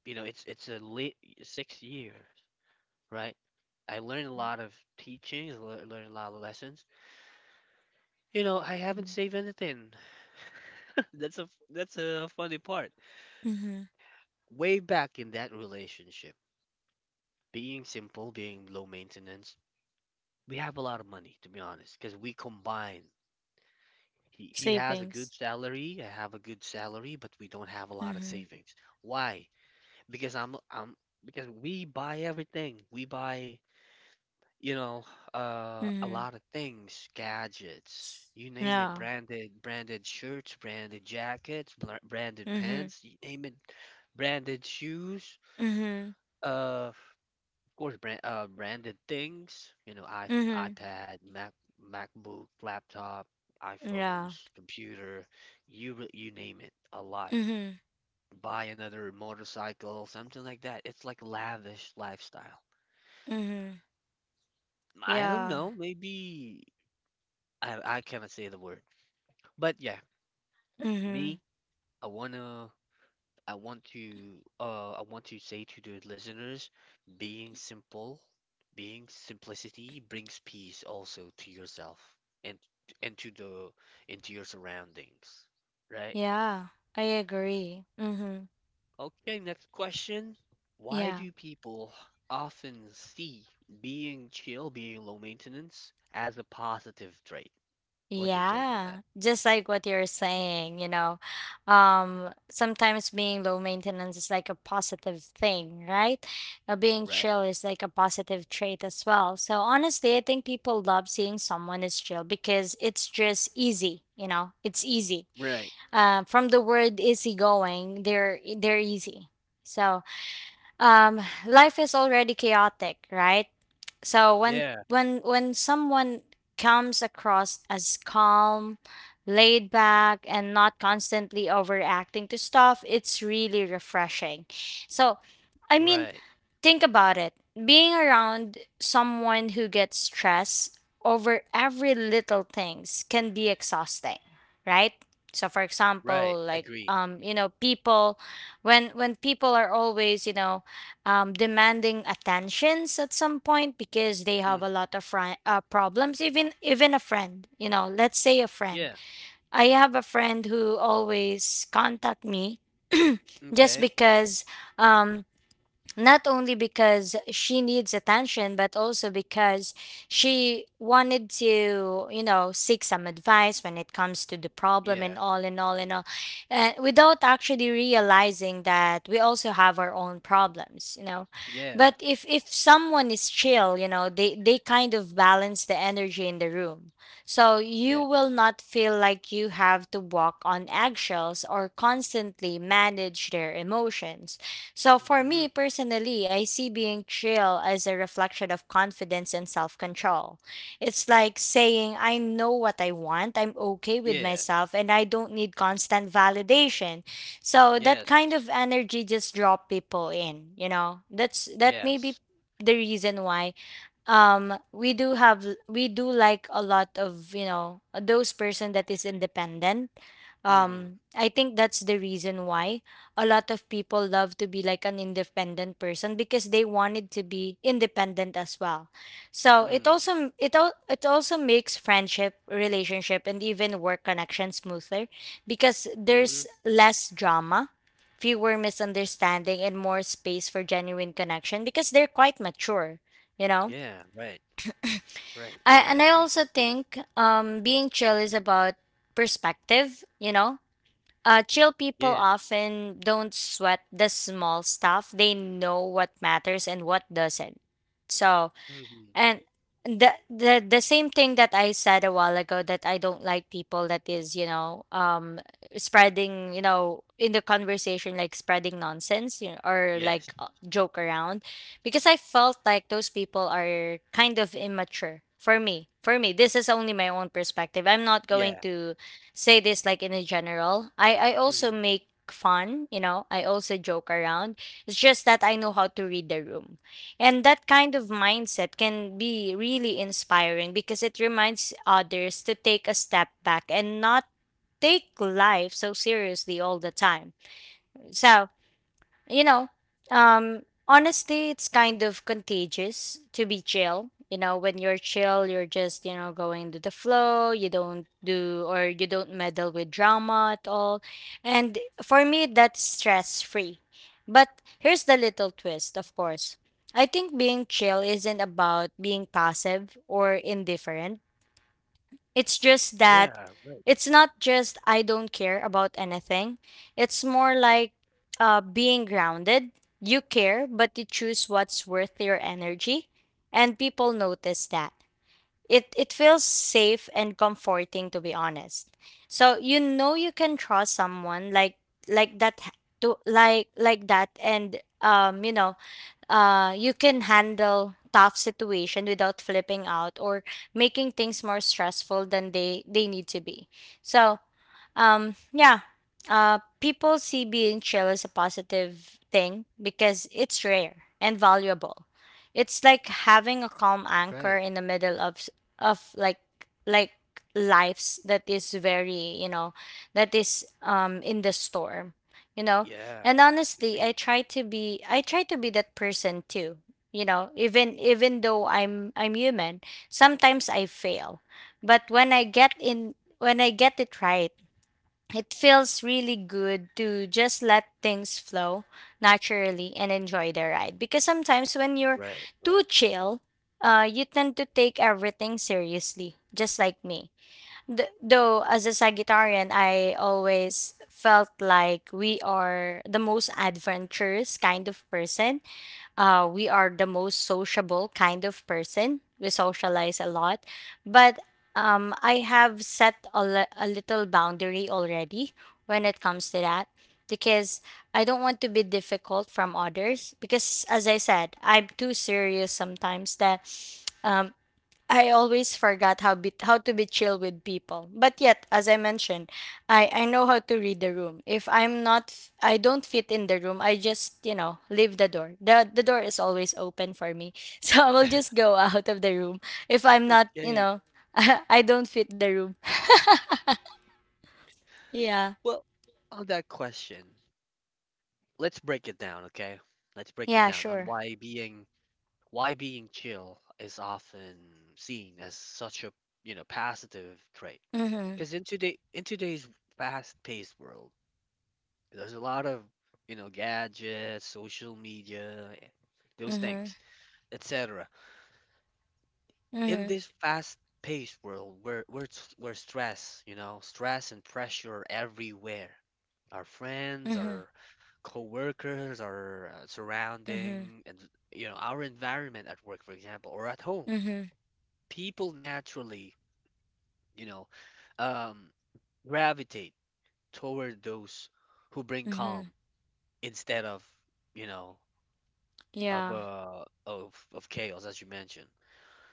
S1: you know, it's a late 6 years, right? I learned a lot of teachings, learned a lot of lessons. You know, I haven't
S2: Mhm.
S1: saved anything. That's a that's a funny part.
S2: Mhm.
S1: Way back in that relationship, being simple, being low maintenance, we have a lot of money to be honest, because we combine. He has a good
S2: Savings.
S1: salary, I have a good salary, but we don't have a lot of
S2: Mhm.
S1: savings. Why? Because I'm Because we buy everything. We buy, you know, a
S2: Mhm.
S1: lot of things, gadgets, you name it,
S2: Yeah.
S1: branded shirts, branded jackets, branded
S2: Mhm.
S1: pants, you name it, branded shoes,
S2: Mhm.
S1: of course brand branded things, you know, I
S2: Mhm.
S1: iPad, MacBook, laptop,
S2: Yeah.
S1: iPhones, computer, you name it, a lot,
S2: Mhm.
S1: buy another motorcycle, something like that. It's like lavish lifestyle.
S2: Mhm.
S1: I don't
S2: Yeah.
S1: know, maybe I cannot say the word. But yeah,
S2: Mhm.
S1: me, I wanna I want to say to the listeners, being simple, being simplicity brings peace also to yourself and and to the into your surroundings, right?
S2: Yeah. I agree. Mhm.
S1: Okay, next question. Why
S2: Yeah.
S1: do people often see being chill, being low maintenance as a positive trait? What's your take on that?
S2: Yeah, just like what you're saying, sometimes being low maintenance is like a positive thing, right? Being
S1: Right.
S2: chill is like a positive trait as well. So honestly, I think people love seeing someone is chill because it's just easy, you know, it's easy.
S1: Right.
S2: From the word easygoing, they're easy. So um life is already chaotic, right? So when
S1: Yeah.
S2: when someone comes across as calm, laid back, and not constantly overacting to stuff, it's really refreshing. So I mean,
S1: Right.
S2: think about it, being around someone who gets stressed over every little things can be exhausting, right? So for
S1: Right.
S2: example, like
S1: Agree.
S2: people, when people are always, demanding attentions at some point because they have
S1: Mm.
S2: a lot of problems, even a friend, you know, let's say a friend.
S1: Yeah.
S2: I have a friend who always contact me just
S1: Okay.
S2: because um, not only because she needs attention, but also because she wanted to, seek some advice when it comes to the problem, and
S1: Yeah.
S2: all and all and all. And without actually realizing that we also have our own problems, you know. But
S1: Yeah.
S2: if someone is chill, you know, they kind of balance the energy in the room. So you will
S1: Yes.
S2: not feel like you have to walk on eggshells or constantly manage their emotions. So for
S1: Mm-hmm.
S2: me personally, I see being chill as a reflection of confidence and self-control. It's like saying, I know what I want, I'm okay with
S1: Yeah.
S2: myself, and I don't need constant validation. So that
S1: Yes.
S2: kind of energy just draw people in. That may be
S1: Yes.
S2: the reason why we do like a lot of those person that is independent.
S1: Mm.
S2: I think that's the reason why a lot of people love to be like an independent person because they wanted to be independent as well. So it
S1: Mm.
S2: also it, al- it also makes friendship relationship and even work connection smoother because
S1: Mm-hmm.
S2: there's less drama, fewer misunderstanding and more space for genuine connection because they're quite mature you know
S1: Yeah. Right. Right.
S2: I
S1: Right.
S2: and I
S1: Agree.
S2: also think being chill is about perspective, you know? Chill people
S1: Yeah.
S2: often don't sweat the small stuff. They know what matters and what doesn't. So
S1: Mm-hmm.
S2: and the same thing that I said a while ago that I don't like people that is, spreading in the conversation like spreading nonsense or
S1: Yes.
S2: like joke around because I felt like those people are kind of immature for me. For me, this is only my own perspective. I'm not going
S1: Yeah.
S2: to say this like in a general. I also
S1: Mm.
S2: make fun, you know. I also joke around. It's just that I know how to read the room, and that kind of mindset can be really inspiring because it reminds others to take a step back and not take life so seriously all the time. So, you know, honestly, it's kind of contagious to be chill. When you're chill, you're just, going to the flow. You don't do or you don't meddle with drama at all. And for me, that's stress free. But here's the little twist, of course. I think being chill isn't about being passive or indifferent. It's just that
S1: Yeah. Right.
S2: it's not just I don't care about anything. It's more like being grounded. You care, but you choose what's worth your energy, and people notice that. It feels safe and comforting to be honest. So you know you can trust someone like that to like that, and you can handle tough situation without flipping out or making things more stressful than they need to be, so yeah. People see being chill as a positive thing because it's rare and valuable. It's like having a calm anchor
S1: Right.
S2: in the middle of of like lives that is very, that is in the storm, you know.
S1: Yeah,
S2: And honestly,
S1: agree.
S2: I try to be that person too. Even though I'm human, sometimes I fail. But when I get it right, it feels really good to just let things flow naturally and enjoy the ride. Because sometimes when you're
S1: Right,
S2: too
S1: right.
S2: chill, you tend to take everything seriously, just like me. Though, as a Sagittarian, I always felt like we are the most adventurous kind of person. We are the most sociable kind of person. We socialize a lot, but I have set a little boundary already when it comes to that because I don't want to be difficult from others because as I said, I'm too serious sometimes that um, I always forgot how to be chill with people. But yet, as I mentioned, I know how to read the room. If I'm not f- I don't fit in the room, I just, leave the door. The door is always open for me. So I will just go out of the room if I'm not,
S1: Okay.
S2: I don't fit the room. Yeah.
S1: Well, on that question, let's break it down, okay? Let's break it
S2: Yeah,
S1: down on
S2: sure.
S1: why being chill is often seen as such a, you know, positive trait.
S2: Mhm.
S1: Because in today's fast-paced world, there's a lot of, you know, gadgets, social media, those
S2: Mhm.
S1: things, etc. in
S2: Mhm.
S1: this fast-paced world where stress, you know, stress and pressure are everywhere. Our friends,
S2: Mhm.
S1: our coworkers, our
S2: Mhm.
S1: surrounding, and you know, our environment at work, for example, or at home.
S2: Mhm.
S1: People naturally, you know, um, gravitate toward those who bring calm
S2: Mhm.
S1: instead of, you know, of
S2: Yeah.
S1: uh of of chaos, as you mentioned.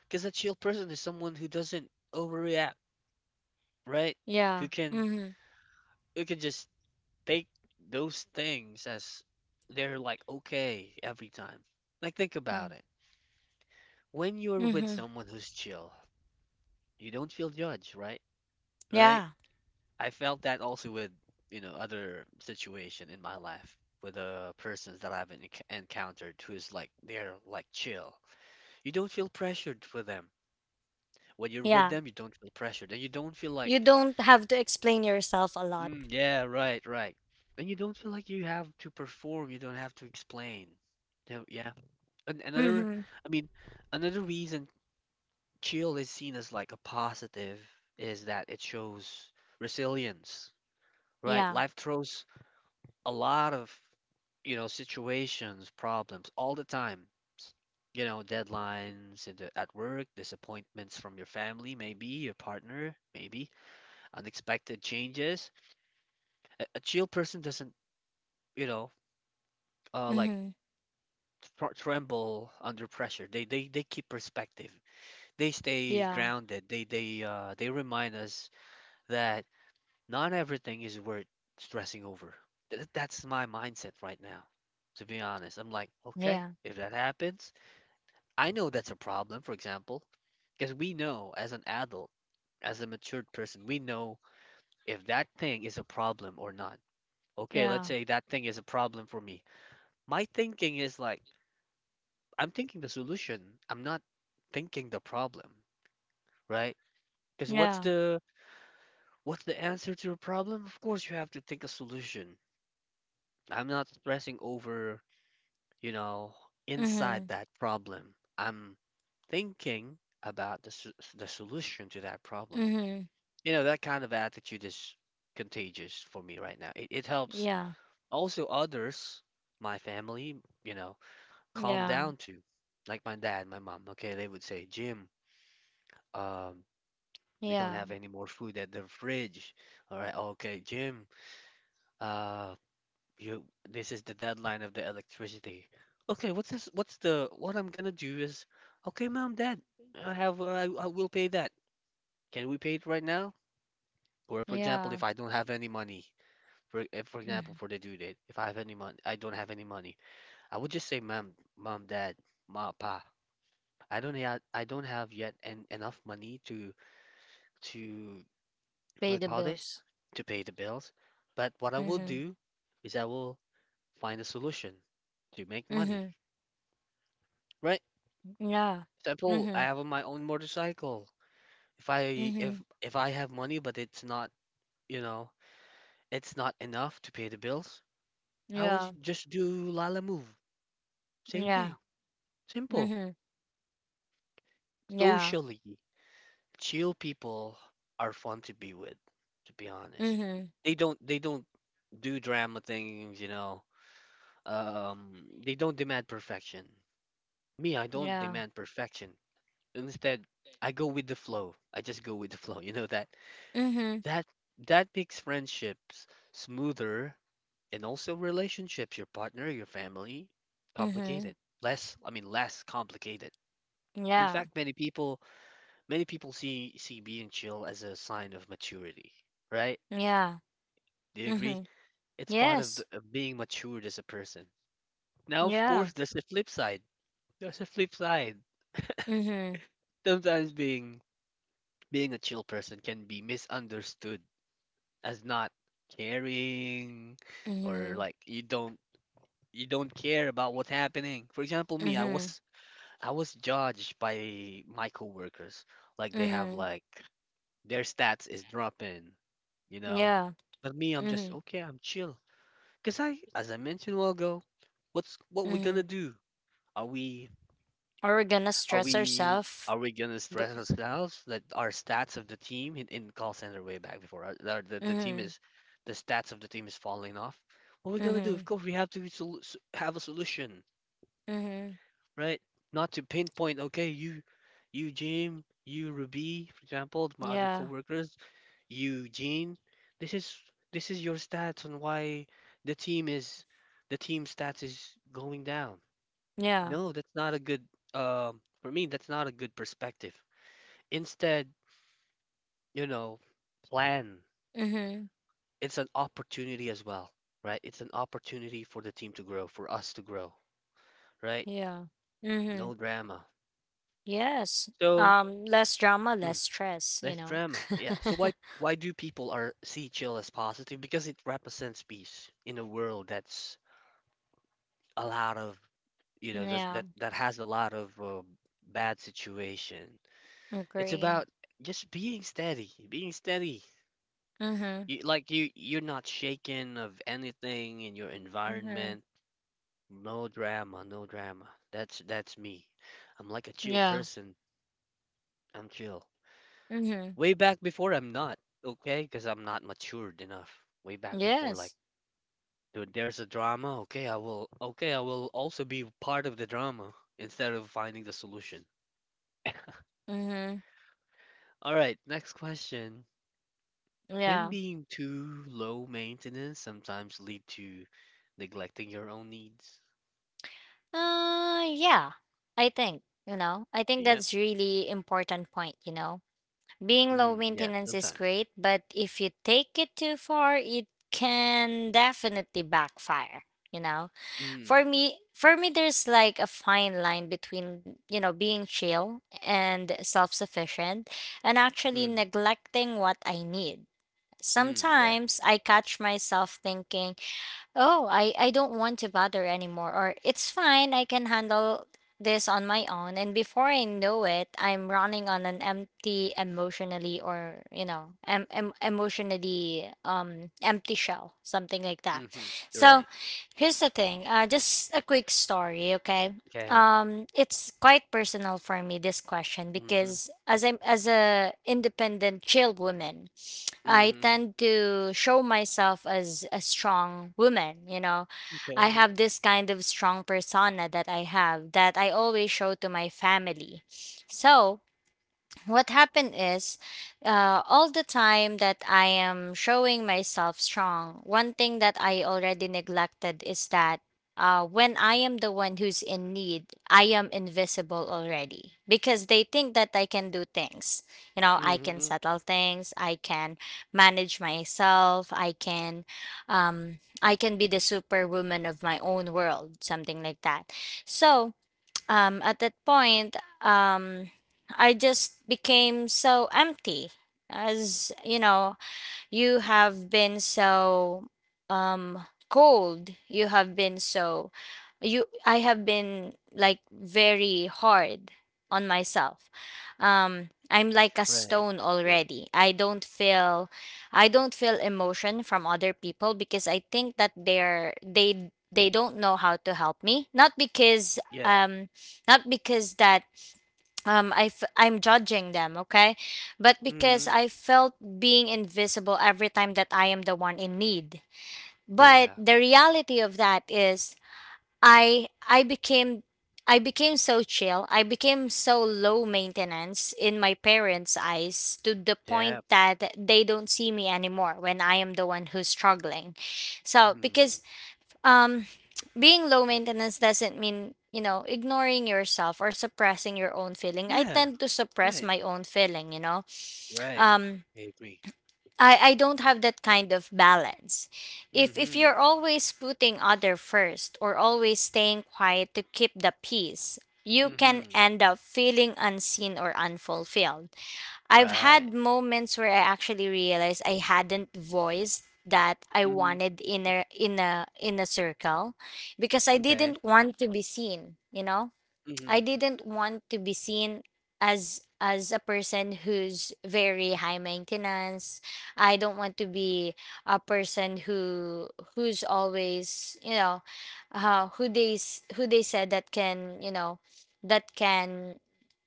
S1: Because a chill person is someone who doesn't overreact, right? Who
S2: Yeah.
S1: can
S2: Mhm.
S1: who can just take those things as they're like okay every time. Like think about it. When you're with
S2: Mhm.
S1: someone who's chill, you don't feel judged, right? Right?
S2: Yeah.
S1: I felt that also with, you know, other situation in my life with persons that I've encountered who's like they're like chill. You don't feel pressured for them. When you're with
S2: Yeah.
S1: them, you don't feel pressured and you don't feel like.
S2: You don't have to explain yourself a lot.
S1: Mm, yeah, right, right. And you don't feel like you have to perform, you don't have to explain. No, yeah. And another,
S2: Mhm.
S1: I mean, another reason chill is seen as like a positive is that it shows resilience, right?
S2: Yeah.
S1: Life throws a lot of, you know, situations, problems all the time. S- You know, deadlines in the, at work, disappointments from your family, maybe your partner, maybe unexpected changes. A chill person doesn't, you know, like
S2: Mhm.
S1: tremble under pressure. They keep perspective. They stay
S2: Yeah.
S1: grounded. They remind us that not everything is worth stressing over. That's my mindset right now. To be honest, I'm like,
S2: Yeah.
S1: okay, if that happens, I know that's a problem, for example, because we know as an adult, as a matured person, we know if that thing is a problem or not. Okay,
S2: Yeah.
S1: let's say that thing is a problem for me. My thinking is like, I'm thinking the solution. I'm not thinking the problem, right? Because what's
S2: Yeah.
S1: the what's the answer to a problem? Of course, you have to think a solution. I'm not stressing over, you know, inside
S2: Mhm.
S1: that problem. I'm thinking about the the solution to that problem.
S2: Mhm.
S1: You know, that kind of attitude is contagious for me right now. It helps
S2: Yeah.
S1: also others, my family, you know, calm
S2: Yeah.
S1: down too. Like my dad, my mom. Okay, they would say, Jim, um we don't
S2: Yeah.
S1: have any more food at the fridge. All right, okay, Jim. Uh, you. This is the deadline of the electricity. Okay, what's this? What's the? What I'm gonna do is, okay, mom, dad, I have. I will pay that. Can we pay it right now? Or, for example,
S2: Yeah.
S1: if I don't have any money, for if, for example,
S2: Mhm.
S1: for the due date, if I have any money, I don't have any money. I would just say, mom, dad, ma, pa. I don't have. I don't have yet en enough money to to
S2: Pay
S1: what do
S2: the
S1: call this,
S2: bills.
S1: to pay the bills. But what I will
S2: Mhm.
S1: do is I will find a solution to make money.
S2: Mhm.
S1: Right?
S2: Yeah.
S1: Example, I
S2: Mhm.
S1: have my own motorcycle. If I if
S2: Mhm.
S1: if I have money, but it's not, you know, it's not enough to pay the bills, I will
S2: Yeah.
S1: just do Lala Move. Same
S2: Yeah.
S1: thing. Simple.
S2: Mhm. Yeah.
S1: Socially, chill people are fun to be with, to be honest.
S2: Mhm.
S1: They don't do drama things, you know. Um, they don't demand perfection. Me, I don't
S2: Yeah.
S1: demand perfection. Instead, I go with the flow. I just go with the flow. You know
S2: Mhm.
S1: that that makes friendships smoother and also relationships, your partner, your family,
S2: Mhm.
S1: complicated. Less, I mean, less complicated. In
S2: Yeah.
S1: fact, many people see being chill as a sign of maturity, right?
S2: Yeah.
S1: Do you agree?
S2: Mhm.
S1: It's part of, the,
S2: Yes.
S1: of being matured as a person. Now, of
S2: Yeah.
S1: course, there's a flip side. There's a flip side.
S2: Mhm.
S1: Sometimes being a chill person can be misunderstood as not caring or
S2: Mhm.
S1: like you don't care about what's happening. For example, me,
S2: Mhm.
S1: I was judged by my coworkers. Like they have
S2: Mhm.
S1: like their stats is dropping, you know?
S2: Yeah.
S1: But me, I'm just
S2: Mhm,
S1: okay, I'm chill. 'Cause I as I mentioned a while ago, what's what we gonna
S2: mhm.
S1: do? Are we
S2: Or we're gonna
S1: Are
S2: stress
S1: we
S2: ourselves.
S1: are we gonna
S2: But
S1: stress ourselves that our stats of the team in call center way back before our, the team
S2: mhm,
S1: is the stats of the team is falling off? What are we gonna do? Of
S2: mhm,
S1: course, we have to have a solution,
S2: mhm.
S1: right? Not to pinpoint. Okay, you Jim, you Ruby, for example, my other
S2: Yeah,
S1: coworkers, you Gene. This is this is your stats on why the team is the team stats is going down.
S2: yeah.
S1: No, that's not a good for me. That's not a good perspective. Instead, you know, plan.
S2: Mhm,
S1: It's an opportunity as well, right? It's an opportunity for the team to grow, for us to grow, right?
S2: yeah. Mhm.
S1: No drama.
S2: Yes.
S1: So,
S2: Less drama,
S1: mm,
S2: less stress. You
S1: less
S2: know.
S1: drama. Yeah. So why do people are see chill as positive? Because it represents peace in a world that's a lot of you know
S2: Yeah.
S1: that that has a lot of bad situation. It's
S2: Agree.
S1: about just being steady,
S2: Mhm,
S1: you, like you, you're not shaken of anything in your
S2: mhm.
S1: environment. No drama. That's me. I'm like a chill
S2: Yeah.
S1: person. I'm chill.
S2: Mhm.
S1: Way back before, I'm not okay because I'm not matured enough. Way back before, like
S2: Yes.
S1: dude, there's a drama. Okay, I will. Okay, I will also be part of the drama instead of finding the solution.
S2: Mhm.
S1: All right, next question.
S2: Yeah.
S1: Can being too low maintenance sometimes lead to neglecting your own needs?
S2: Yeah. I think you know. I think
S1: Yep.
S2: that's really important point. You know. Being low
S1: Mm, yeah,
S2: maintenance is
S1: sometimes.
S2: great, but if you take it too far, it can definitely backfire, you know? For
S1: Mm,
S2: me, for me there's like a fine line between, being chill and self-sufficient and actually
S1: mm,
S2: neglecting what I need.
S1: mm, yeah.
S2: Sometimes I catch myself thinking, oh, I don't want to bother anymore, or it's fine, I can handle this on my own. And before I know it, I'm running on an empty emotionally, or emotionally, empty shell, something like that.
S1: Mhm.
S2: So
S1: Right.
S2: here's the thing, just a quick story, okay.
S1: Okay.
S2: It's quite personal for me, this question,
S1: Mhm.
S2: because as a independent chill woman, I
S1: Mhm.
S2: tend to show myself as a strong woman, you know. I
S1: Okay.
S2: have this kind of strong persona that I always show to my family. So, what happened is, all the time that I am showing myself strong, one thing that I already neglected is that, when I am the one who's in need, I am invisible already because they think that I can do things, I can
S1: Mhm.
S2: settle things, I can manage myself, I can be the superwoman of my own world, something like that. So, at that point, um, I just became so empty. As you know, you have been so cold. You have been so you I have been like very hard on myself. I'm like a
S1: Right.
S2: stone
S1: Right.
S2: already. I don't feel emotion from other people because I think that they don't know how to help me, not because
S1: Yeah.
S2: not because that I'm judging them, okay, but because
S1: Mhm.
S2: I felt being invisible every time that I am the one in need. But
S1: Yeah.
S2: the reality of that is, i i became I became so chill. I became so low maintenance in my parents eyes to the
S1: Yeah.
S2: point that they don't see me anymore when I am the one who's struggling. So
S1: Mm.
S2: because um, being low maintenance doesn't mean, ignoring yourself or suppressing your own feeling. I
S1: Yeah.
S2: tend to suppress
S1: Right.
S2: my own feeling, you know.
S1: Right.
S2: Um,
S1: I agree.
S2: I don't have that kind of balance. If
S1: Mhm.
S2: you're always putting other first or always staying quiet to keep the peace, you can
S1: Mhm.
S2: end up feeling unseen or unfulfilled. I've
S1: Right.
S2: had moments where I actually realized I hadn't voiced that I
S1: Mhm.
S2: wanted in a in a circle because I
S1: Okay.
S2: didn't want to be seen, you know? I
S1: Mhm.
S2: didn't want to be seen as a person who's very high maintenance. I don't want to be a person who's always, who they said that can, that can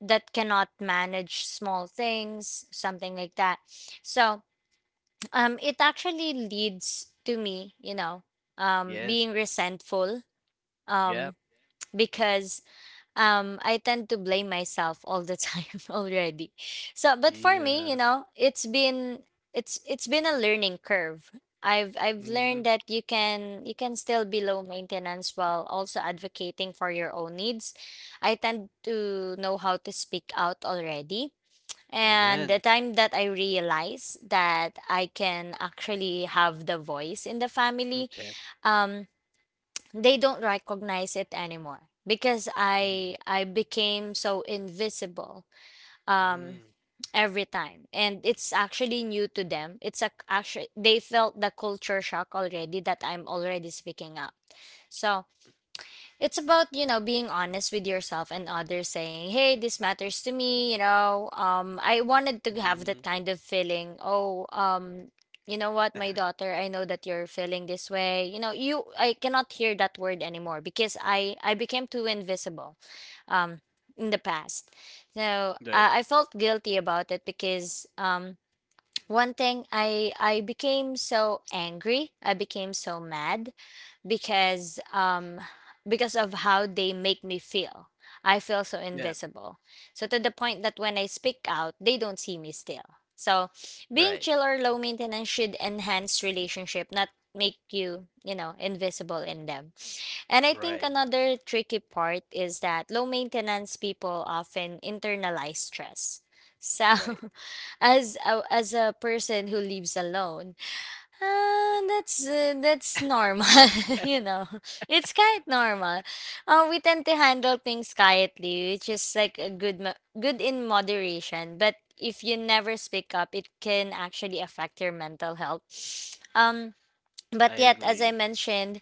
S2: that cannot manage small things, something like that. So, it actually leads to me,
S1: Yes.
S2: being resentful, um
S1: Yep.
S2: because I tend to blame myself all the time already. So but for me,
S1: Yeah.
S2: it's been a learning curve. I've
S1: Mhm.
S2: learned that you can still be low maintenance while also advocating for your own needs. I tend to know how to speak out already. And the
S1: Amen.
S2: time that I realize that I can actually have the voice in the family,
S1: Okay.
S2: um, they don't recognize it anymore because
S1: Mhm.
S2: I became so invisible um
S1: Mhm.
S2: every time. And it's actually new to them. It's a Actually, they felt the culture shock already that I'm already speaking up. So it's about, being honest with yourself and others saying, "Hey, this matters to me," you know. I wanted to have that
S1: Mhm.
S2: kind of feeling. Oh, you know what, my daughter, I know that you're feeling this way. You know, you I cannot hear that word anymore because I became too invisible um in the past. So,
S1: Right.
S2: I felt guilty about it because one thing, I became so angry, I became so mad because um because of how they make me feel. I feel so
S1: Yeah.
S2: invisible. So to the point that when I speak out, they don't see me still. So being
S1: Right.
S2: chill or low maintenance should enhance relationship, not make you, invisible in them. And I think
S1: Right.
S2: another tricky part is that low maintenance people often internalize stress. So
S1: Right.
S2: as a person who lives alone, that's normal, you know. It's quite normal. We tend to handle things quietly, which is like a good good in moderation. But if you never speak up, it can actually affect your mental health. Um, but
S1: I
S2: yet, as I
S1: agree.
S2: mentioned,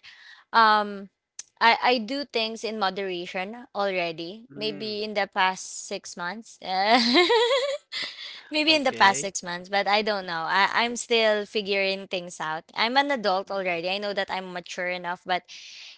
S2: um, I do things in moderation already.
S1: Mm,
S2: Maybe in the past 6 months. Maybe in the past
S1: okay.
S2: 6 months, but I don't know. I'm still figuring things out. I'm an adult
S1: Mhm.
S2: already. I know that I'm mature enough, but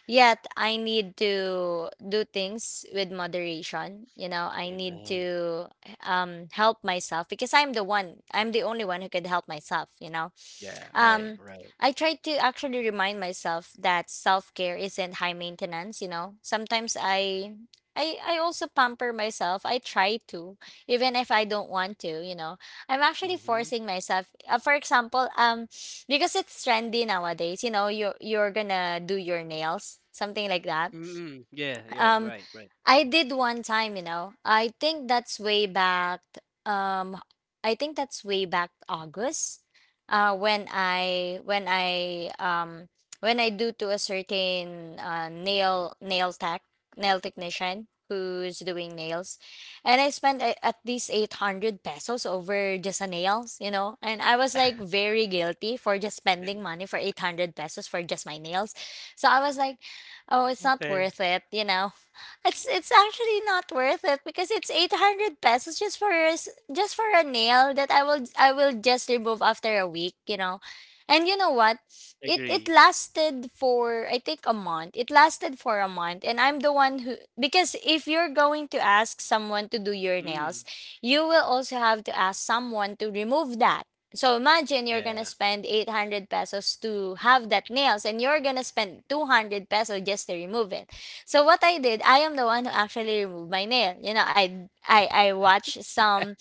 S2: yet I need to do things with moderation. You know, I need
S1: Amen.
S2: to help myself because I'm the one, I'm the only one who could help myself.
S1: Yeah, right,
S2: Um,
S1: right.
S2: I try to actually remind myself that self-care isn't high maintenance. Sometimes I also pamper myself. I try to, even if I don't want to. I'm actually
S1: Mm-hmm.
S2: forcing myself. For example, because it's trendy nowadays, you know, you are you're gonna do your nails, something like that.
S1: Mm-mm. Yeah, yeah,
S2: Um
S1: right, right.
S2: I did one time, you know. I think that's way back um I think that's way back August when I do to a certain nail technician who's doing nails and I spent at least 800 pesos over just a nails, you know. And I was like very guilty for just spending money for 800 pesos for just my nails. So I was like, "Oh, it's not
S1: Okay.
S2: worth it, you know." It's actually not worth it because it's 800 pesos just just for a nail that I will just remove after a week, you know. And you know what? It
S1: Agree.
S2: lasted for I think a month. It lasted for a month and I'm the one who, because if you're going to ask someone to do your nails,
S1: Mm,
S2: you will also have to ask someone to remove that. So imagine you're gonna
S1: yeah,
S2: spend 800 pesos to have that nails and you're gonna spend 200 pesos just to remove it. So what I did, I am the one who actually removed my nail. You know, I watch some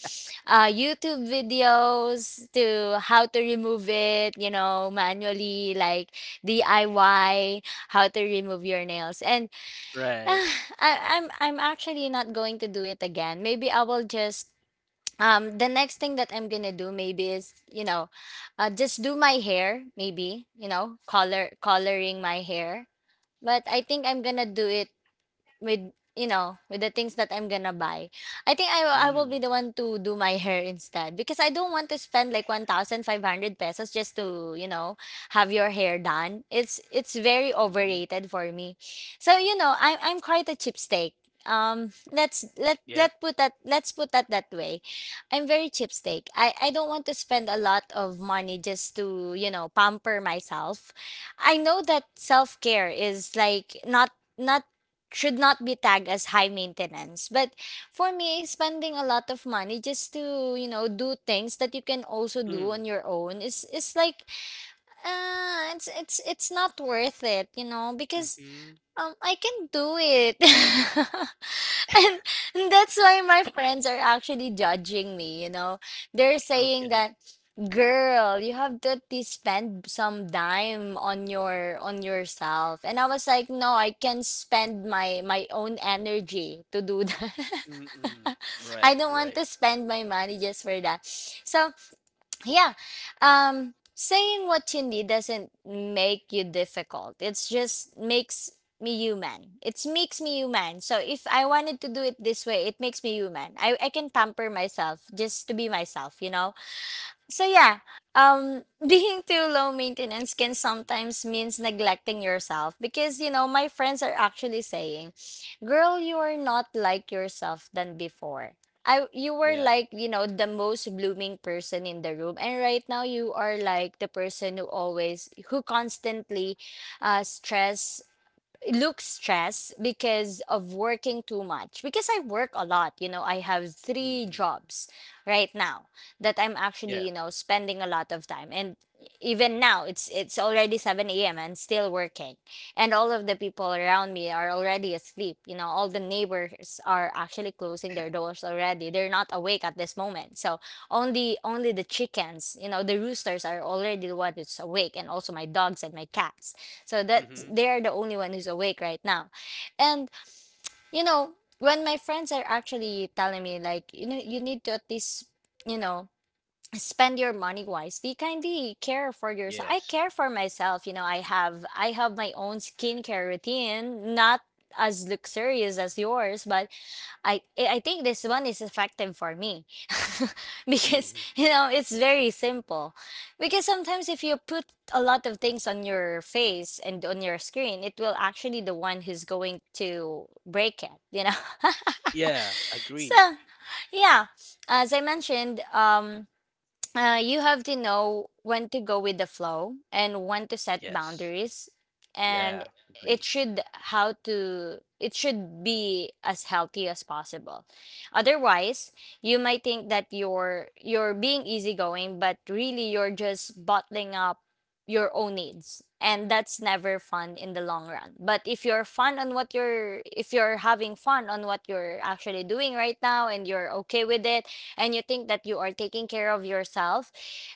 S2: YouTube videos to how to remove it, you know, manually like DIY, how to remove your nails. And
S1: right.
S2: ah, I, I'm actually not going to do it again. Maybe I will just the next thing that I'm gonna do maybe is, you know, just do my hair, maybe, you know, coloring my hair. But I think I'm gonna do it with, you know, with the things that I'm gonna buy. I think I will be
S1: Mm,
S2: the one to do my hair instead because I don't want to spend like 1,500 pesos just to, you know, have your hair done. It's very
S1: mm-hmm.
S2: overrated for me. So, you know, I'm quite a cheapskate.
S1: Yep.
S2: Let's put that that way. I'm very cheapskate. I don't want to spend a lot of money just to, you know, pamper myself. I know that self-care is like not should not be tagged as high maintenance. But for me, spending a lot of money just to, you know, do things that you can also do
S1: Mm,
S2: on your own is like it's it's not worth it, you know, because
S1: mm-hmm.
S2: I can do it. and, and that's why my friends are actually judging me, you know. They're saying
S1: Okay.
S2: that, "Girl, you have to at least spend some dime on your on yourself." And I was like, "No, I can spend my own energy to do that."
S1: Mm-mm.
S2: I
S1: Right,
S2: don't want
S1: right.
S2: to spend my money just for that. So, yeah, saying what you need doesn't make you difficult, it's just makes me human, it makes me human. So if I wanted to do it this way, it makes me human. I can pamper myself just to be myself, you know. So yeah, being too low maintenance can sometimes means neglecting yourself, because you know my friends are actually saying, "Girl, you are not like yourself than before. I You were
S1: Yeah.
S2: like, you know, the most blooming person in the room, and right now you are like the person who always, who constantly, stress look stressed because of working too much, because I work a lot, you know. I have three
S1: Mm-hmm.
S2: jobs right now that I'm actually,
S1: Yeah.
S2: you know, spending a lot of time. And even now, it's already 7 a.m. and still working, and all of the people around me are already asleep. You know, all the neighbors are actually closing their doors already, they're not awake at this moment. So only the chickens, you know, the roosters are already the one that's awake, and also my dogs and my cats, so that
S1: Mm-hmm.
S2: they're the only one who's awake right now. And you know, when my friends are actually telling me like, you know, you need to at least, you know, spend your money wisely, kindly care for yourself. I
S1: Yes.
S2: care for myself, you know. I have my own skincare routine, not as luxurious as yours, but I think this one is effective for me because,
S1: Mm-hmm.
S2: you know, it's very simple. Because sometimes if you put a lot of things on your face and on your screen, it will actually the one who's going to break it. You know,
S1: Yeah, agree.
S2: so yeah, as I mentioned, you have to know when to go with the flow and when to set
S1: Yes.
S2: boundaries, and
S1: Yeah,
S2: it
S1: agree.
S2: should, how to, it should be as healthy as possible. Otherwise, you might think that you're being easygoing, but really you're just bottling up your own needs, and that's never fun in the long run. But if you're fun on what you're if you're having fun on what you're actually doing right now, and you're okay with it, and you think that you are taking care of yourself,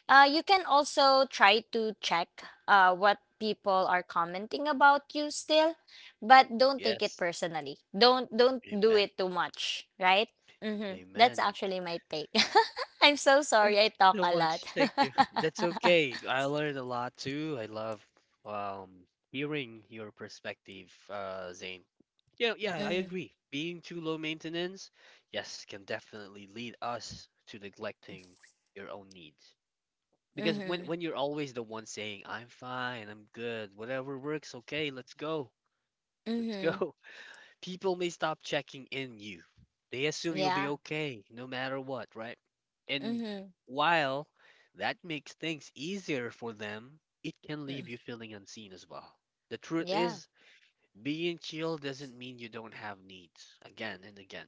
S2: you can also try to check, what people are commenting about you still, but don't take it
S1: Yes.
S2: personally. Don't do
S1: Amen.
S2: it too much, right? Mm-hmm. That's
S1: Amen.
S2: actually my take. I'm so sorry
S1: Thank
S2: I talk
S1: you so
S2: a
S1: much.
S2: lot.
S1: Thank you. That's okay. I learned a lot too. I love um hearing your perspective, Zane. Yeah, yeah, I
S2: Mhm.
S1: agree. Being too low maintenance, yes, can definitely lead us to neglecting your own needs. Because when
S2: Mhm.
S1: when you're always the one saying, "I'm fine, I'm good, whatever works, okay, let's
S2: Mhm.
S1: go," people may stop checking in you. They assume you'll be
S2: Yeah.
S1: okay no matter what, right? And
S2: Mhm.
S1: while that makes things easier for them, it can leave
S2: Mm.
S1: you feeling unseen as well. The truth
S2: Yeah.
S1: is, being chill doesn't mean you don't have needs again and again.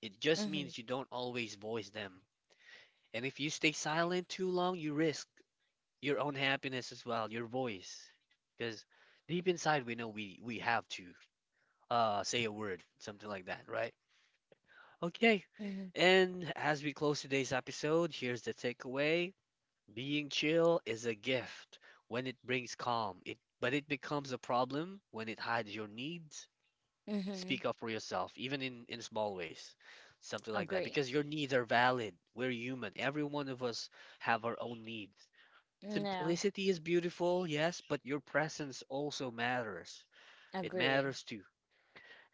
S1: It just
S2: Mhm.
S1: means you don't always voice them. And if you stay silent too long, you risk your own happiness as well, your voice. Because deep inside, we know we have to say a word, something like that, right? Okay.
S2: Mhm.
S1: And as we close today's episode, here's the takeaway. Being chill is a gift when it brings calm, it but it becomes a problem when it hides your needs.
S2: Mhm.
S1: Speak up for yourself, even in small ways. Something like that.
S2: Agree.
S1: Because your needs are valid. We're human. Every one of us have our own needs.
S2: No.
S1: Simplicity is beautiful, yes, but your presence also matters. It
S2: Agree.
S1: matters too.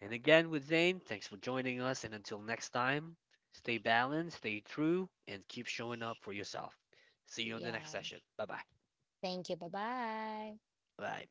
S1: And again with Zane, thanks for joining us. And until next time, stay balanced, stay true, and keep showing up for yourself. See you on the next
S2: Yeah.
S1: session. Bye bye.
S2: Thank you. Bye-bye.
S1: Bye.